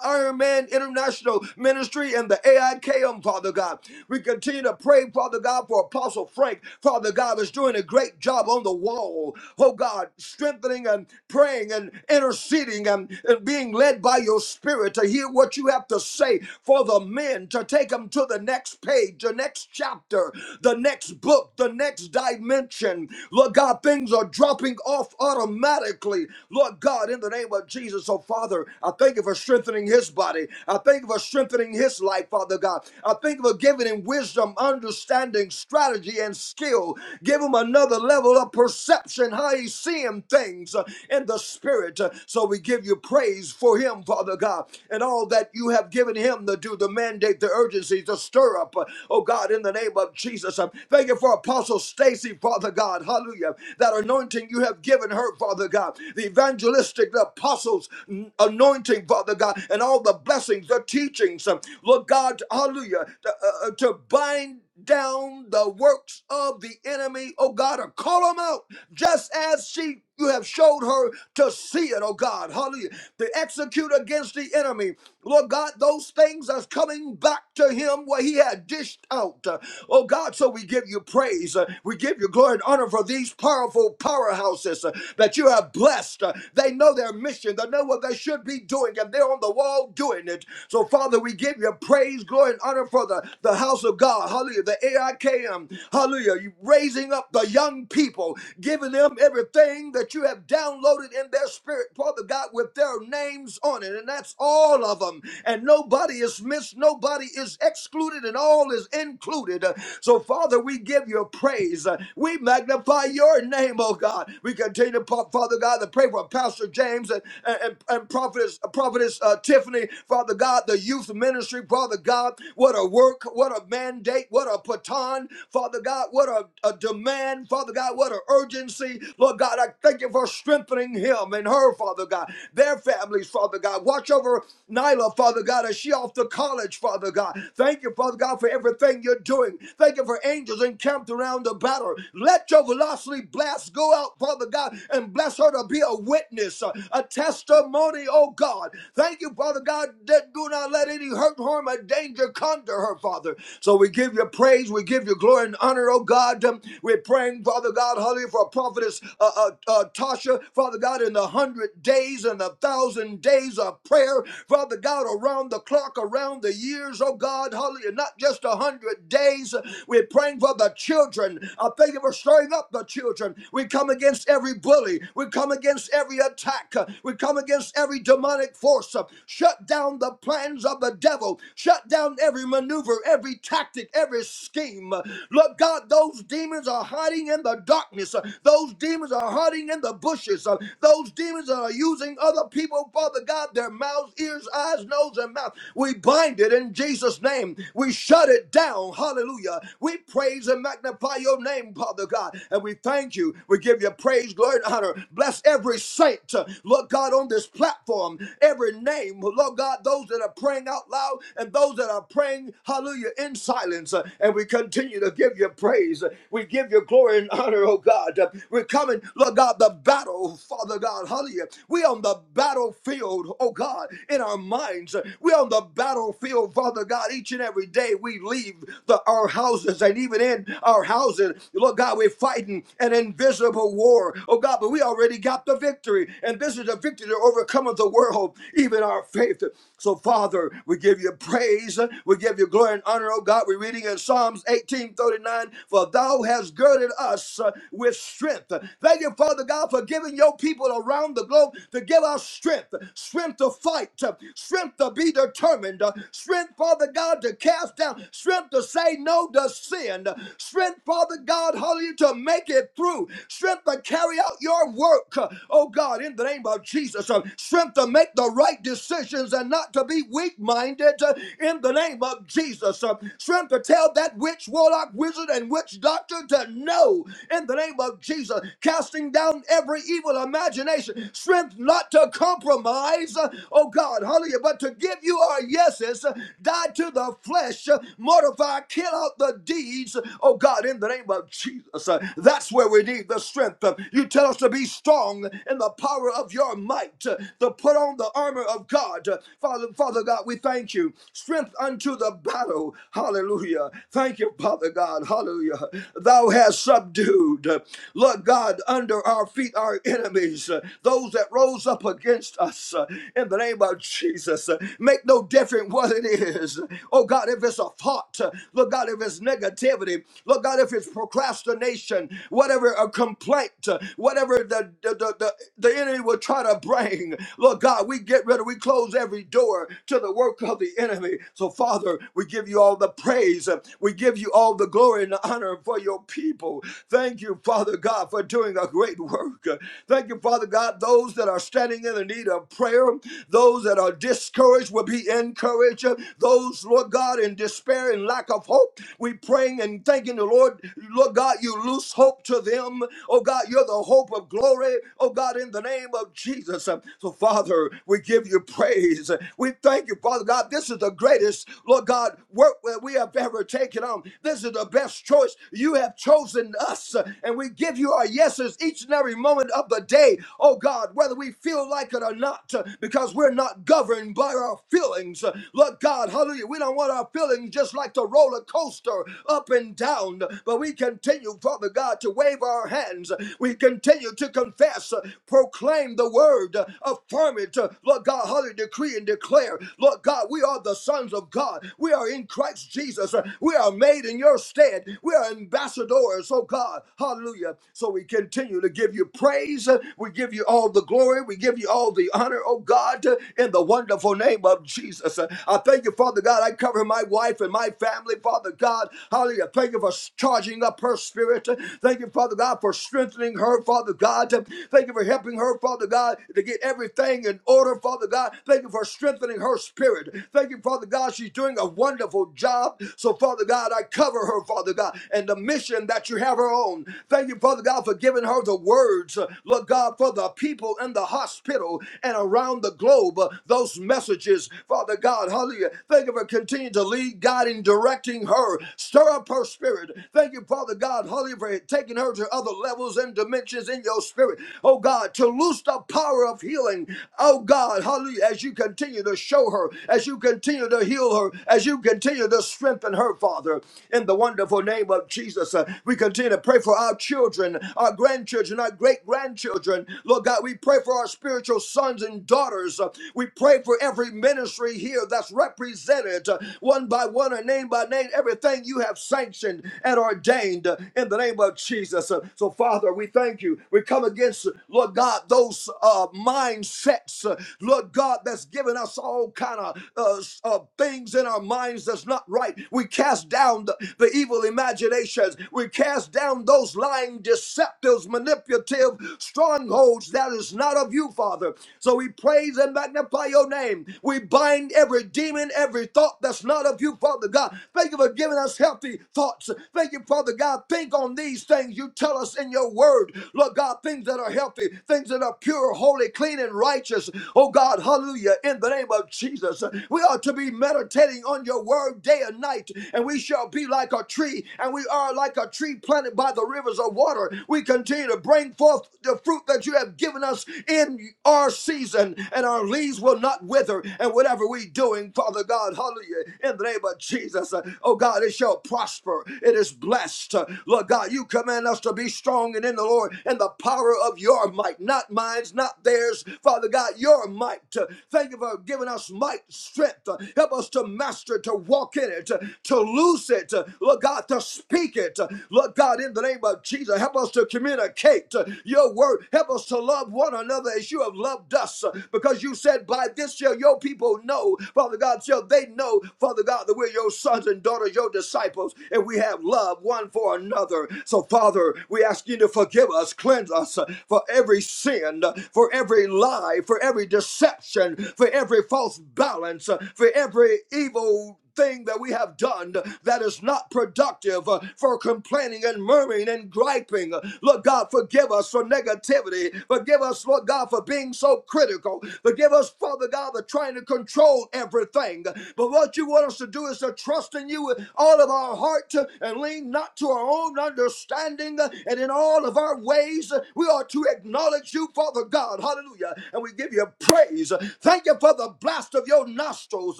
Speaker 4: Iron Man International Ministry and the AIKM, Father God. We continue to pray, Father God, for Apostle Frank, Father God, is doing a great job on the wall. Oh God, strengthening and praying and interceding and, and being led by your spirit to hear what you have to say for the men to take them to the next page, the next chapter, the next book, the next dimension. Lord God, things are dropping off automatically. Lord God, in the name of Jesus, oh Father, I thank thank you for strengthening his body. I thank you for strengthening his life, Father God. I thank you for giving him wisdom, understanding, strategy, and skill. Give him another level of perception, how he's seeing things uh, in the spirit. Uh, So we give you praise for him, Father God, and all that you have given him to do, the mandate, the urgency, the stir up. Uh, Oh God, in the name of Jesus. Uh, Thank you for Apostle Stacy, Father God. Hallelujah. That anointing you have given her, Father God. The evangelistic, the apostles' anointing anointing, Father God, and all the blessings, the teachings, uh, Lord God, hallelujah, to, uh, uh, to bind down the works of the enemy, oh God, or call them out just as she you have showed her to see it, oh God, hallelujah, to execute against the enemy. Lord God, those things are coming back to him where he had dished out. Uh, Oh God, so we give you praise. Uh, We give you glory and honor for these powerful powerhouses uh, that you have blessed. Uh, They know their mission. They know what they should be doing doing it. If They're on the wall doing it. So, Father, we give you praise, glory, and honor for the, the house of God. Hallelujah. The AIKM. Hallelujah. You raising up the young people, giving them everything that you have downloaded in their spirit, Father God, with their names on it. And that's all of them. And nobody is missed, nobody is excluded, and all is included. Uh, So, Father, we give you praise. Uh, We magnify your name, oh God. We continue, Pa- Father God, to pray for Pastor James and, and, and, and Prophet, Prophetess uh, Tiffany, Father God, the youth ministry, Father God, what a work, what a mandate, what a baton, Father God, what a, a demand, Father God, what an urgency. Lord God, I thank you for strengthening him and her, Father God, their families, Father God. Watch over Nyla, Father God, as she off to college, Father God. Thank you, Father God, for everything you're doing. Thank you for angels encamped around the battle. Let your velocity blast go out, Father God, and bless her to be a witness, a testimony, oh God. God. Thank you, Father God, that do not let any hurt, harm, or danger come to her, Father. So we give you praise, we give you glory and honor, oh God. Um, We're praying, Father God, hallelujah, for prophetess uh, uh, uh, Tasha, Father God, in the hundred days and the thousand days of prayer, Father God, around the clock, around the years, oh God, hallelujah, not just a hundred days. We're praying for the children. I thank you for stirring up the children. We come against every bully, we come against every attack, we come against every demonic force force. Uh, Shut down the plans of the devil. Shut down every maneuver, every tactic, every scheme. Uh, Lord God, those demons are hiding in the darkness. Uh, Those demons are hiding in the bushes. Uh, Those demons that are using other people, Father God, their mouths, ears, eyes, nose, and mouth. We bind it in Jesus' name. We shut it down. Hallelujah. We praise and magnify your name, Father God. And we thank you. We give you praise, glory, and honor. Bless every saint, uh, Lord God, on this platform. Every every name, Lord God, those that are praying out loud and those that are praying, hallelujah, in silence. Uh, And we continue to give you praise. Uh, We give you glory and honor, oh God. Uh, We're coming, Lord God, the battle, Father God, hallelujah. We on the battlefield, oh God, in our minds. Uh, We on the battlefield, Father God, each and every day we leave the, our houses and even in our houses, Lord God, we're fighting an invisible war, oh God, but we already got the victory. And this is the victory that overcometh the world even our faith. So, Father, we give you praise, we give you glory and honor, oh God. We're reading in Psalms 18 39: for thou hast girded us uh, with strength. Thank you, Father God, for giving your people around the globe to give us strength, strength to fight, strength to be determined, strength, Father God, to cast down, strength to say no to sin, strength, Father God, hallelujah, to make it through, strength to carry out your work, oh God, in the name of Jesus, strength to make the right right decisions and not to be weak minded in the name of Jesus. Uh, Strength to tell that witch, warlock, wizard, and witch doctor to no in the name of Jesus. Casting down every evil imagination. Strength not to compromise, uh, oh God, hallelujah, but to give you our yeses, uh, die to the flesh, uh, mortify, kill out the deeds, uh, oh God, in the name of Jesus. Uh, That's where we need the strength. Uh, You tell us to be strong in the power of your might, uh, to put on the armor armor of God. Father, Father God, we thank you. Strength unto the battle. Hallelujah. Thank you, Father God. Hallelujah. Thou hast subdued. Lord God, under our feet our enemies, those that rose up against us in the name of Jesus. Make no difference what it is. Oh God, if it's a thought, Lord God, if it's negativity, Lord God, if it's procrastination, whatever a complaint, whatever the, the, the, the, the enemy will try to bring, Lord God, we get rid ready, we close every door to the work of the enemy. So, Father, we give you all the praise. We give you all the glory and the honor for your people. Thank you, Father God, for doing a great work. Thank you, Father God, those that are standing in the need of prayer, those that are discouraged will be encouraged. Those, Lord God, in despair and lack of hope, we praying and thanking the Lord. Lord God, you loose hope to them. Oh God, you're the hope of glory. Oh God, in the name of Jesus. So, Father, we give give you praise. We thank you, Father God. This is the greatest, Lord God, work that we have ever taken on. This is the best choice. You have chosen us, and we give you our yeses each and every moment of the day, oh God, whether we feel like it or not, because we're not governed by our feelings. Lord God, hallelujah. We don't want our feelings just like the roller coaster up and down, but we continue, Father God, to wave our hands. We continue to confess, proclaim the word, affirm it, Lord God. God, hallelujah, decree and declare, Lord God, we are the sons of God. We are in Christ Jesus. We are made in your stead. We are ambassadors, oh God, hallelujah. So we continue to give you praise. We give you all the glory. We give you all the honor, oh God, in the wonderful name of Jesus. I thank you, Father God. I cover my wife and my family, Father God, hallelujah. Thank you for charging up her spirit. Thank you, Father God, for strengthening her, Father God. Thank you for helping her, Father God, to get everything in order, Father. Father God. Thank you for strengthening her spirit. Thank you, Father God. She's doing a wonderful job. So, Father God, I cover her, Father God, and the mission that you have her on. Thank you, Father God, for giving her the words, uh, Lord God, for the people in the hospital and around the globe. uh, Those messages, Father God, hallelujah. Thank you for continuing to lead, guide, and directing her. Stir up her spirit. Thank you, Father God, hallelujah, for taking her to other levels and dimensions in your spirit. Oh God, to loose the power of healing. Oh God, hallelujah. Hallelujah. As you continue to show her, as you continue to heal her, as you continue to strengthen her, Father, in the wonderful name of Jesus, uh, we continue to pray for our children, our grandchildren, our great grandchildren. Lord God, we pray for our spiritual sons and daughters. Uh, we pray for every ministry here that's represented uh, one by one or name by name, everything you have sanctioned and ordained uh, in the name of Jesus. Uh, so, Father, we thank you. We come against, Lord God, those uh, mindsets, uh, Lord of God that's given us all kind of uh, uh, things in our minds that's not right. We cast down the, the evil imaginations. We cast down those lying, deceptive, manipulative strongholds that is not of you, Father. So we praise and magnify your name. We bind every demon, every thought that's not of you, Father God. Thank you for giving us healthy thoughts. Thank you, Father God. Think on these things you tell us in your word. Lord God, things that are healthy, things that are pure, holy, clean, and righteous. Oh God, God, hallelujah, in the name of Jesus. We are to be meditating on your word day and night, and we shall be like a tree, and we are like a tree planted by the rivers of water. We continue to bring forth the fruit that you have given us in our season, and our leaves will not wither. And whatever we doing, Father God, hallelujah, in the name of Jesus, uh, oh God, it shall prosper. It is blessed. Uh, Lord God, you command us to be strong and in the Lord and the power of your might, not mine's, not theirs. Father God, your might. Uh, Thank you for giving us might, strength. Uh, Help us to master, to walk in it, uh, to loose it. Uh, Lord God, to speak it. Uh, Lord God, in the name of Jesus, help us to communicate uh, your word. Help us to love one another as you have loved us. Uh, Because you said, by this shall your people know, Father God, shall they know, Father God, that we're your sons and daughters, your disciples, and we have love one for another. So, Father, we ask you to forgive us, cleanse us uh, for every sin, uh, for every lie, for every deception oppression, for every false balance, uh, for every evil thing that we have done that is not productive uh, for complaining and murmuring and griping. Lord God, forgive us for negativity. Forgive us, Lord God, for being so critical. Forgive us, Father God, for trying to control everything. But what you want us to do is to trust in you with all of our heart uh, and lean not to our own understanding uh, and in all of our ways. uh, We are to acknowledge you, Father God. Hallelujah. And we give you praise. uh, uh, Thank you for the blast of your nostrils.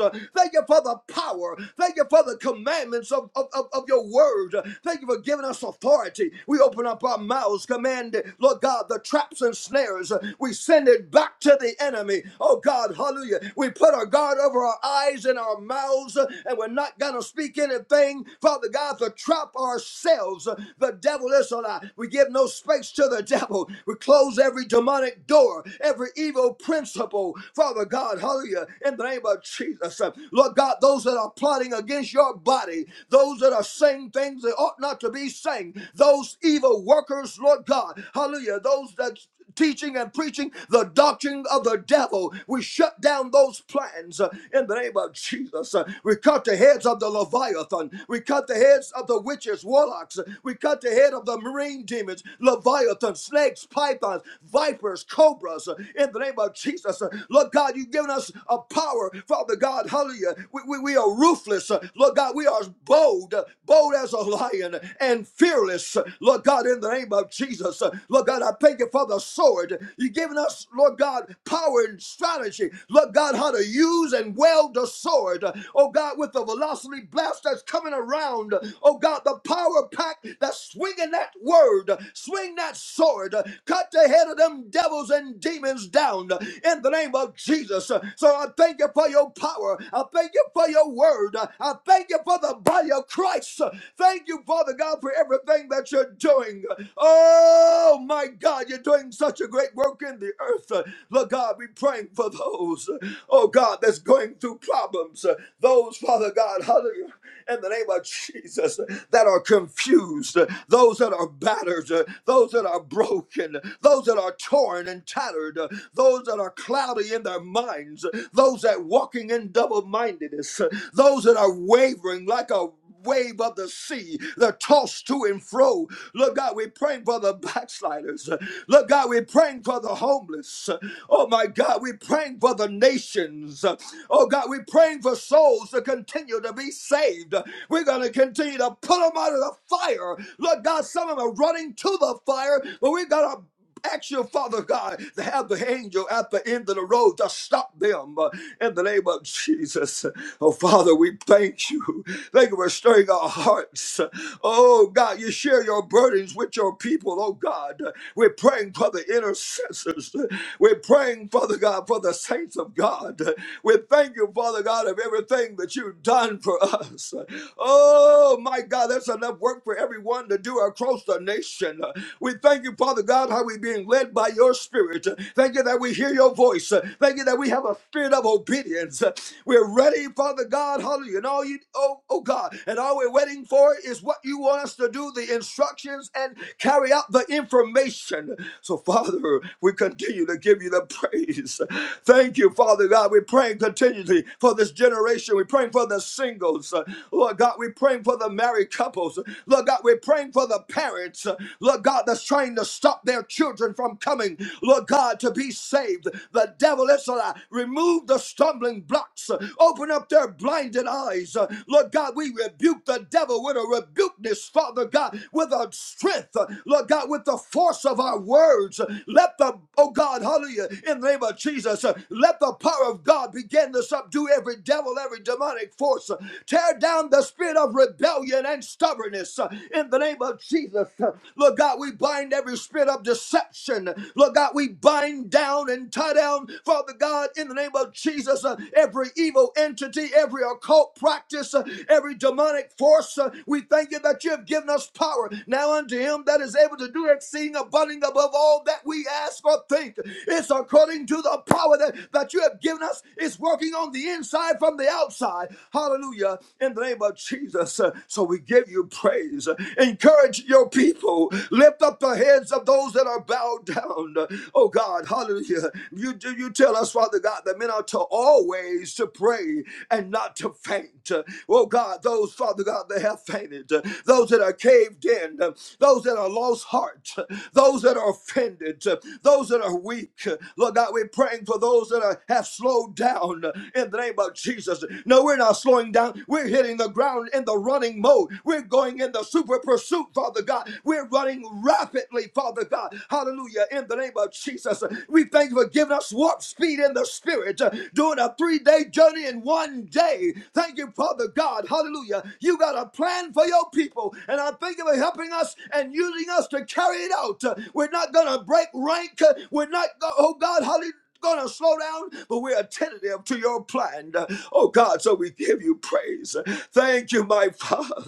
Speaker 4: Uh, Thank you for the power. Thank you for the commandments of, of, of, of your word. Uh, Thank you for giving us authority. We open up our mouths, command, uh, Lord God, the traps and snares. Uh, We send it back to the enemy. Oh God, hallelujah. We put our guard over our eyes and our mouths, uh, and we're not going to speak anything, Father God, to trap ourselves. Uh, The devil is a lie. We give no space to the devil. We close every demonic door, every evil principle. Father God, hallelujah, in the name of Jesus. uh, Lord God, those that are plotting against your body, those that are saying things they ought not to be saying, those evil workers, Lord God, hallelujah, those that teaching and preaching the doctrine of the devil. We shut down those plans uh, in the name of Jesus. Uh, we cut the heads of the Leviathan. We cut the heads of the witches, warlocks. Uh, We cut the head of the marine demons, Leviathan, snakes, pythons, vipers, cobras uh, in the name of Jesus. Uh, Lord Lord God, you've given us a power, Father God, hallelujah. We, we, we are ruthless, uh, Lord God. We are bold, uh, bold as a lion, uh, and fearless, uh, Lord God, in the name of Jesus. Uh, Lord God, I thank you for the sword. You've given us, Lord God, power and strategy, Lord God, how to use and wield the sword, Uh, oh God, with the velocity blast that's coming around, Uh, oh God, the power pack that's swinging that word, Uh, swing that sword, Uh, cut the head of them devils and demons down Uh, in the name of Jesus. So I thank you for your power. I thank you for your word. I thank you for the body of Christ. Thank you, Father God, for everything that you're doing. Oh, my God, you're doing such a great work in the earth. Lord God, we're praying for those, oh God, that's going through problems. Those, Father God, hallelujah, in the name of Jesus, that are confused, those that are battered, those that are broken, those that are torn and tattered, those that are cloudy in their their minds, those that walking in double-mindedness, those that are wavering like a wave of the sea, they're tossed to and fro. Look, God, we're praying for the backsliders. Look, God, we're praying for the homeless. Oh my God, we're praying for the nations. Oh God, we're praying for souls to continue to be saved. We're going to continue to pull them out of the fire. Look, God, some of them are running to the fire, but we have got to. Ask your father God to have the angel at the end of the road to stop them uh, in the name of Jesus. Oh, Father, we thank you. Thank you for stirring our hearts. Oh, God, you share your burdens with your people, oh, God. We're praying for the intercessors. We're praying, Father God, for the saints of God. We thank you, Father God, of everything that you've done for us. Oh, my God, that's enough work for everyone to do across the nation hand. We thank you, Father God, how we're being led by your spirit. Thank you that we hear your voice. Thank you that we have a spirit of obedience. We're ready, Father God, hallelujah. And all you, oh, oh God, and all we're waiting for is what you want us to do, the instructions, and carry out the information. So, Father, we continue to give you the praise. Thank you, Father God. We're praying continually for this generation. We're praying for the singles. Lord God, we're praying for the married couples. Lord God, we're we're praying for the parents, uh, Lord God, that's trying to stop their children from coming, Lord God, to be saved. The devil is a lie. Remove the stumbling blocks. uh, Open up their blinded eyes. Uh, Lord God, we rebuke the devil with a rebukeness, Father God, with a strength, uh, Lord God, with the force of our words. Uh, Let the, oh God, hallelujah, in the name of Jesus, uh, let the power of God begin to subdue every devil, every demonic force. Uh, Tear down the spirit of rebellion rebellion and stubbornness uh, in the name of Jesus. Uh, Lord God, we bind every spirit of deception. Lord God, we bind down and tie down, Father God, in the name of Jesus, uh, every evil entity, every occult practice, uh, every demonic force. Uh, we thank you that you have given us power now unto him that is able to do exceeding abundant above all that we ask or think. It's according to the power that, that you have given us. It's working on the inside from the outside. Hallelujah. Hallelujah. In the name of Jesus. Uh, So we give you praise. Uh, Encourage your people. Lift up the heads of those that are bowed down. Uh, Oh God, hallelujah. You do you tell us, Father God, that men are to always to pray and not to faint. Uh, Oh God, those, Father God, that have fainted, uh, those that are caved in, uh, those that are lost heart, uh, those that are offended, uh, those that are weak. Uh, Lord God, we're praying for those that are, have slowed down uh, in the name of Jesus. Jesus. No, we're not slowing down. We're hitting the ground in the running mode. We're going in the super pursuit, Father God. We're running rapidly, Father God. Hallelujah. In the name of Jesus, we thank you for giving us warp speed in the spirit, uh, doing a three day journey in one day. Thank you, Father God. Hallelujah. You got a plan for your people, and I thank you for helping us and using us to carry it out. Uh, We're not going to break rank. Uh, We're not, go- oh God, hallelujah going to slow down, but we're attentive to your plan. Oh God, so we give you praise. Thank you, my Father.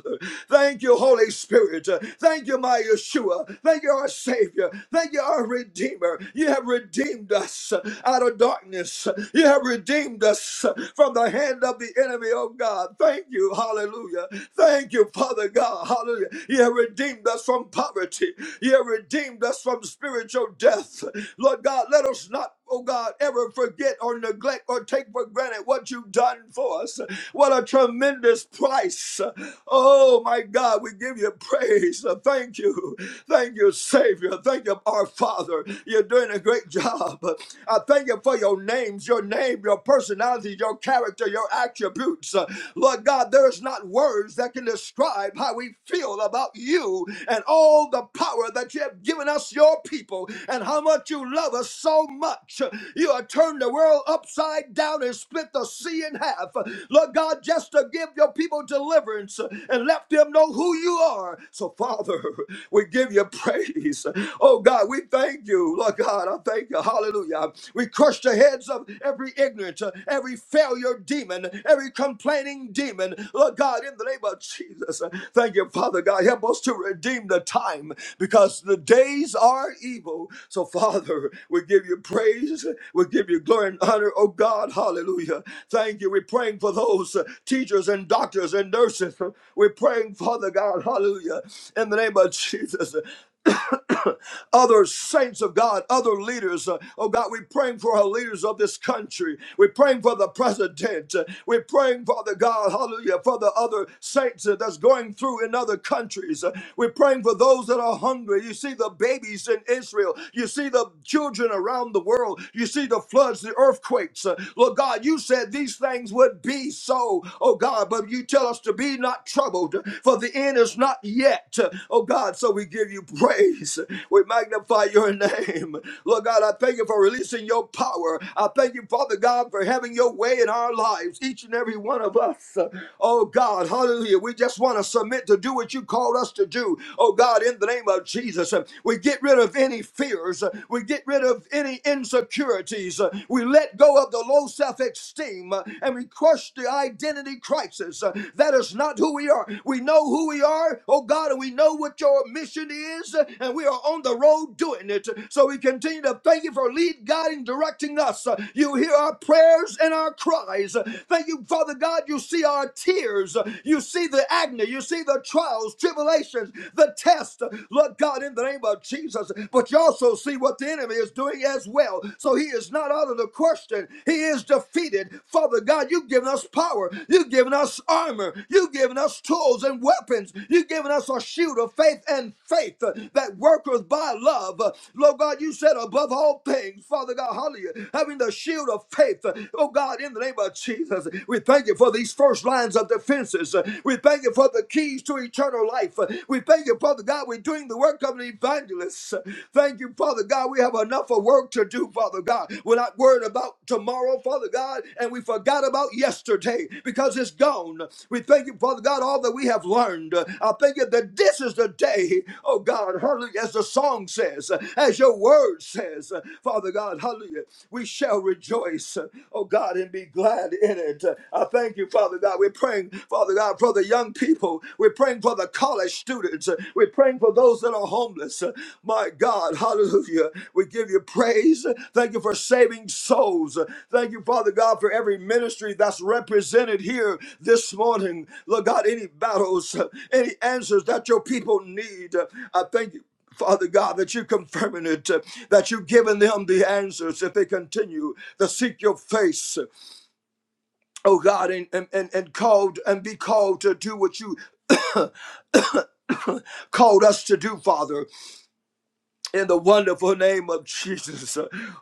Speaker 4: Thank you, Holy Spirit. Thank you, my Yeshua. Thank you, our Savior. Thank you, our Redeemer. You have redeemed us out of darkness. You have redeemed us from the hand of the enemy, oh God. Thank you, hallelujah. Thank you, Father God, hallelujah. You have redeemed us from poverty. You have redeemed us from spiritual death. Lord God, let us not oh God, ever forget or neglect or take for granted what you've done for us. What a tremendous price. Oh my God, we give you praise. Thank you. Thank you, Savior. Thank you, our Father. You're doing a great job. I thank you for your names, your name, your personality, your character, your attributes. Lord God, there is not words that can describe how we feel about you and all the power that you have given us, your people, and how how much you love us so much. You have turned the world upside down and split the sea in half. Lord God, just to give your people deliverance and let them know who you are. So, Father, we give you praise. Oh God, we thank you. Lord God, I thank you. Hallelujah. We crush the heads of every ignorant, uh, every failure demon, every complaining demon. Lord God, in the name of Jesus. uh, Thank you, Father God. Help us to redeem the time because the day days are evil. So, Father, we give you praise. We give you glory and honor, oh God. Hallelujah. Thank you. We're praying for those uh, teachers and doctors and nurses. We're praying, Father God, hallelujah, in the name of Jesus. other saints of God, other leaders. Uh, Oh God, we're praying for our leaders of this country. We're praying for the president. Uh, We're praying, Father God, hallelujah, for the other saints uh, that's going through in other countries. Uh, We're praying praying for those that are hungry. You see the babies in Israel. You see the children around the world. You see the floods, the earthquakes. Uh, Lord God, you said these things would be so, oh God, but you tell us to be not troubled, for the end is not yet, oh God. So we give you praise. We magnify your name. Lord God, I thank you for releasing your power. I thank you, Father God, for having your way in our lives, each and every one of us. Oh God, hallelujah. We just want to submit to to do what you called us to do. Oh God, in the name of Jesus, uh, we get rid of any fears. uh, We get rid of any insecurities. uh, We let go of the low self esteem and we crush the identity crisis. uh, That is not who we are. We know who we are, oh God, and we know what your mission is, uh, and we are on the road doing it. So we continue to thank you for lead, guiding, directing us. Uh, You hear our prayers and our cries. Uh, Thank you, Father God. You see our tears. Uh, you see the agony, you see the trials, tribulations, the test, Lord God, in the name of Jesus. But you also see what the enemy is doing as well. So he is not out of the question. He is defeated. Father God, you've given us power. You've given us armor. You've given us tools and weapons. You've given us a shield of faith and faith that worketh by love. Lord God, you said above all things, Father God, hallelujah, having the shield of faith. Oh God, in the name of Jesus, we thank you you for these first lines of defenses. Uh, We thank you for the keys to eternal life. Uh, We thank you, Father God, we're doing the work of an evangelist. Uh, Thank you, Father God, we have enough of work to do, Father God. We're not worried about tomorrow, Father God, and we forgot about yesterday because it's gone. We thank you, Father God, all that we have learned. Uh, I thank you that this is the day, oh God, hallelujah, as the song says, uh, as your word says, uh, Father God, hallelujah, we shall rejoice, uh, oh God, and be and be glad in it. I thank you, Father God. We're praying, Father God, for the young people. We're praying for the college students. We're praying for those that are homeless. My God, hallelujah. We give you praise. Thank you for saving souls. Thank you, Father God, for every ministry that's represented here this morning. Lord God, any battles, any answers that your people need. I thank you. Father God, that you're confirming it, that you've given them the answers if they continue to seek your face oh God, and and and, and called and be called to do what you called us to do, Father, in the wonderful name of Jesus.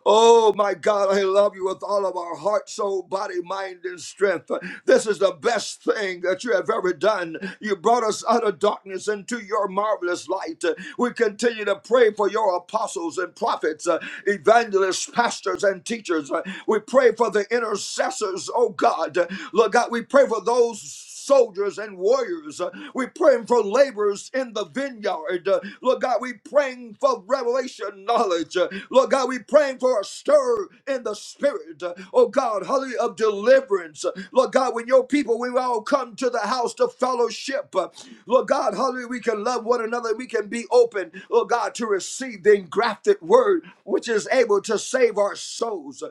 Speaker 4: Oh my God, I love you with all of our heart, soul, body, mind, and strength. This is the best thing that you have ever done. You brought us out of darkness into your marvelous light. We continue to pray for your apostles and prophets, uh, evangelists, pastors, and teachers. Uh, we pray for the intercessors, oh God. Uh, Lord God, we pray for those soldiers and warriors. Uh, We're praying for laborers in the vineyard. Uh, Lord God, we're praying for revelation knowledge marriage. Uh, Lord God, we praying for a stir in the spirit. Uh, Oh God, hallelujah, of deliverance. Uh, Lord God, when your people, we all come to the house to fellowship. Uh, Lord God, hallelujah, we can love one another. We can be open, Lord God, to receive the engrafted word, which is able to save our souls. Uh,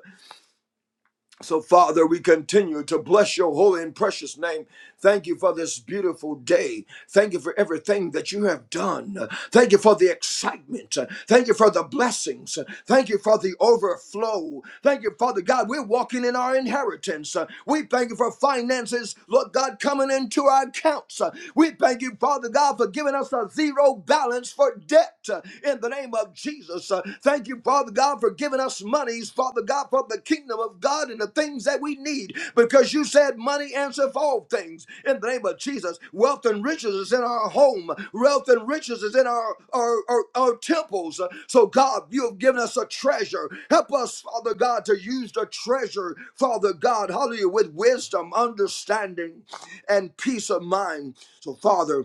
Speaker 4: so, Father, we continue to bless your holy and precious name. Thank you for this beautiful day. Thank you for everything that you have done. Thank you for the excitement. Thank you for the blessings. Thank you for the overflow. Thank you, Father God. We're walking in our inheritance. We thank you for finances, Lord God, coming into our accounts. We thank you, Father God, for giving us a zero balance for debt in the name of Jesus. Jesus. Uh, Thank you, Father God, for giving us monies, Father God, for the kingdom of God and the things that we need, because you said money answers all things. In the name of Jesus, wealth and riches is in our home, wealth and riches is in our, our, our, our temples. So, God, you have given us a treasure. Help us, Father God, to use the treasure, Father God, hallelujah, with wisdom, understanding, and peace of mind. So, Father,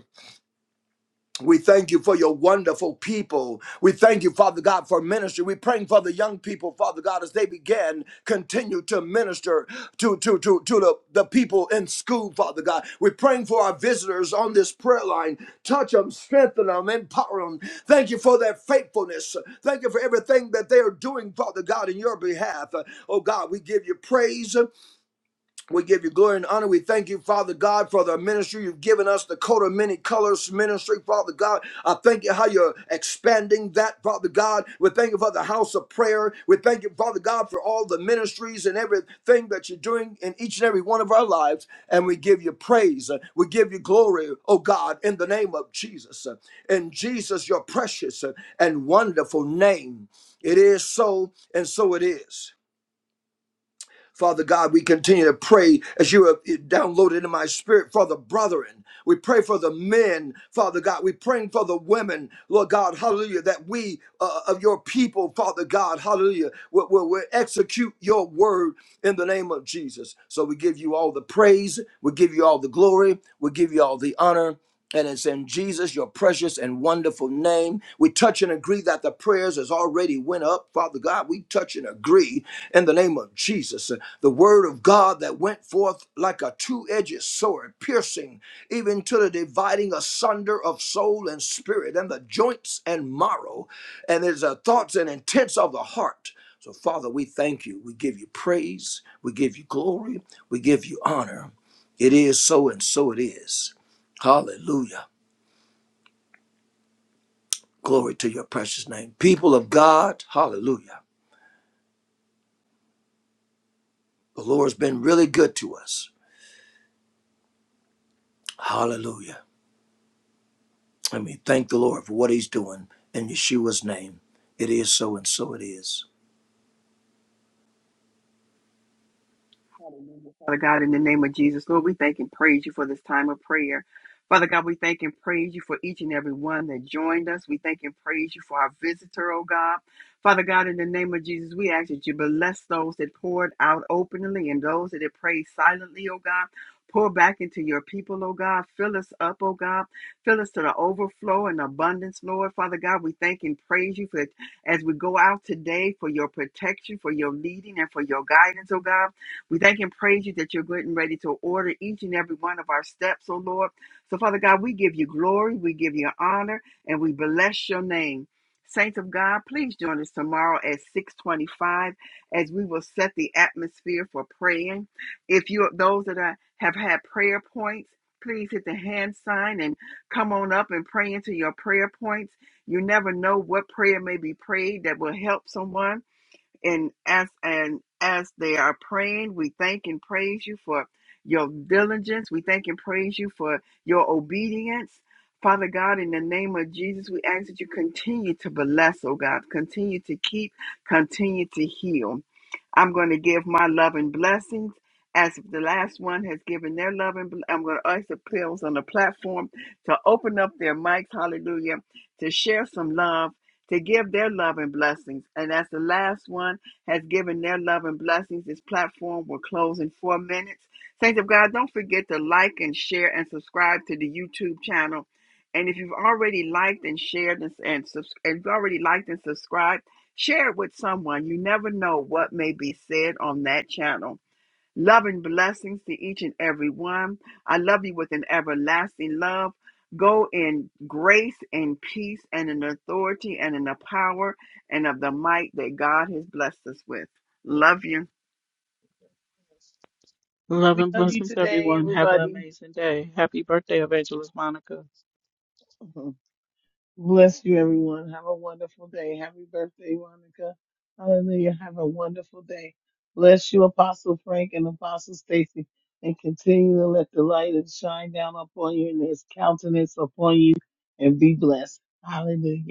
Speaker 4: we thank you for your wonderful people. We thank you, Father God, for ministry. We're praying for the young people, Father God, as they begin, continue to minister to, to, to, to the, the people in school, Father God. We're praying for our visitors on this prayer line. Touch them, strengthen them, empower them. Thank you for their faithfulness. Thank you for everything that they are doing, Father God, in your behalf. Oh God, we give you praise. We give you glory and honor. We thank you, Father God, for the ministry you've given us, the coat of many colors ministry, Father God. I thank you how you're expanding that, Father God. We thank you for the house of prayer. We thank you, Father God, for all the ministries and everything that you're doing in each and every one of our lives. And we give you praise. We give you glory, oh God, in the name of Jesus. In Jesus, your precious and wonderful name. It is so, and so it is. Father God, we continue to pray as you have downloaded in my spirit for the brethren. We pray for the men, Father God. We're praying for the women, Lord God, hallelujah, that we uh, of your people, Father God, hallelujah, will, will, will execute your word in the name of Jesus. So we give you all the praise, we give you all the glory, we give you all the honor. And it's in Jesus, your precious and wonderful name. We touch and agree that the prayers has already went up. Father God, we touch and agree in the name of Jesus. Uh, The word of God that went forth like a two-edged sword, piercing even to the dividing asunder of soul and spirit and the joints and marrow. And there's the thoughts and intents of the heart. So Father, we thank you. We give you praise. We give you glory. We give you honor. It is so and so it is. Hallelujah. Glory to your precious name. People of God, hallelujah. The Lord's been really good to us. Hallelujah. And we thank the Lord for what he's doing in Yeshua's name. It is so and so it is.
Speaker 2: Hallelujah. Father God, in the name of Jesus, Lord, we thank and praise you for this time of prayer. Father God, we thank and praise you for each and every one that joined us. We thank and praise you for our visitor, oh God. Father God, in the name of Jesus, we ask that you bless those that poured out openly and those that have prayed silently, oh God. Pour back into your people, oh God. Fill us up, oh God. Fill us to the overflow and abundance, Lord. Father God, we thank and praise you for as we go out today for your protection, for your leading, and for your guidance, oh God. We thank and praise you that you're getting ready to order each and every one of our steps, O Lord. So, Father God, we give you glory, we give you honor, and we bless your name. Saints of God, please join us tomorrow at 625 as we will set the atmosphere for praying. If you those that are, have had prayer points, please hit the hand sign and come on up and pray into your prayer points. You never know what prayer may be prayed that will help someone. And as and as they are praying, we thank and praise you for your diligence. We thank and praise you for your obedience. Father God, in the name of Jesus, we ask that you continue to bless, oh God, continue to keep, continue to heal. I'm going to give my love and blessings as the last one has given their love and bl- I'm going to ask the pills on the platform to open up their mics, hallelujah, to share some love, to give their love and blessings. And as the last one has given their love and blessings, this platform will close in four minutes. Saints of God, don't forget to like and share and subscribe to the YouTube channel. And if you've already liked and shared and, and, subs- and if you've already liked and subscribed, Share it with someone. You never know what may be said on that channel. Love and blessings to each and every one. I love you with an everlasting love. Go in grace and peace and in authority and in the power and of the might that God has blessed us with. Love you.
Speaker 1: Love
Speaker 3: We
Speaker 1: and
Speaker 3: love you
Speaker 1: blessings,
Speaker 3: today,
Speaker 1: everyone. Have an
Speaker 3: everybody.
Speaker 1: amazing day. Happy birthday, Evangelist Monica.
Speaker 3: Bless you, everyone. Have a wonderful day. Happy birthday, Monica. Hallelujah. Have a wonderful day. Bless you, Apostle Frank and Apostle Stacy, and continue to let the light and shine down upon you and his countenance upon you and be blessed. Hallelujah.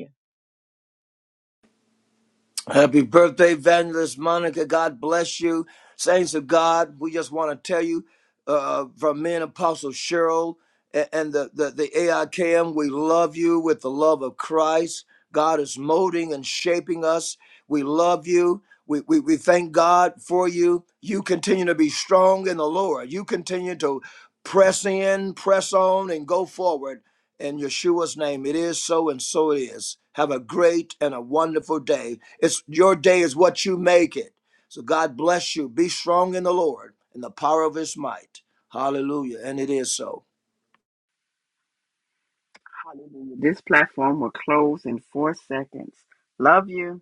Speaker 4: Happy birthday, Evangelist Monica. God bless you. Saints of God, we just want to tell you uh, from me and Apostle Cheryl and, and the, the, the AIKM, we love you with the love of Christ. God is molding and shaping us. We love you. We, we, we thank God for you. You continue to be strong in the Lord. You continue to press in, press on, and go forward in Yeshua's name. It is so and so it is. Have a great and a wonderful day. It's your day is what you make it. So God bless you. Be strong in the Lord and the power of his might. Hallelujah. And it is so.
Speaker 2: Hallelujah. This platform will close in four seconds. Love you.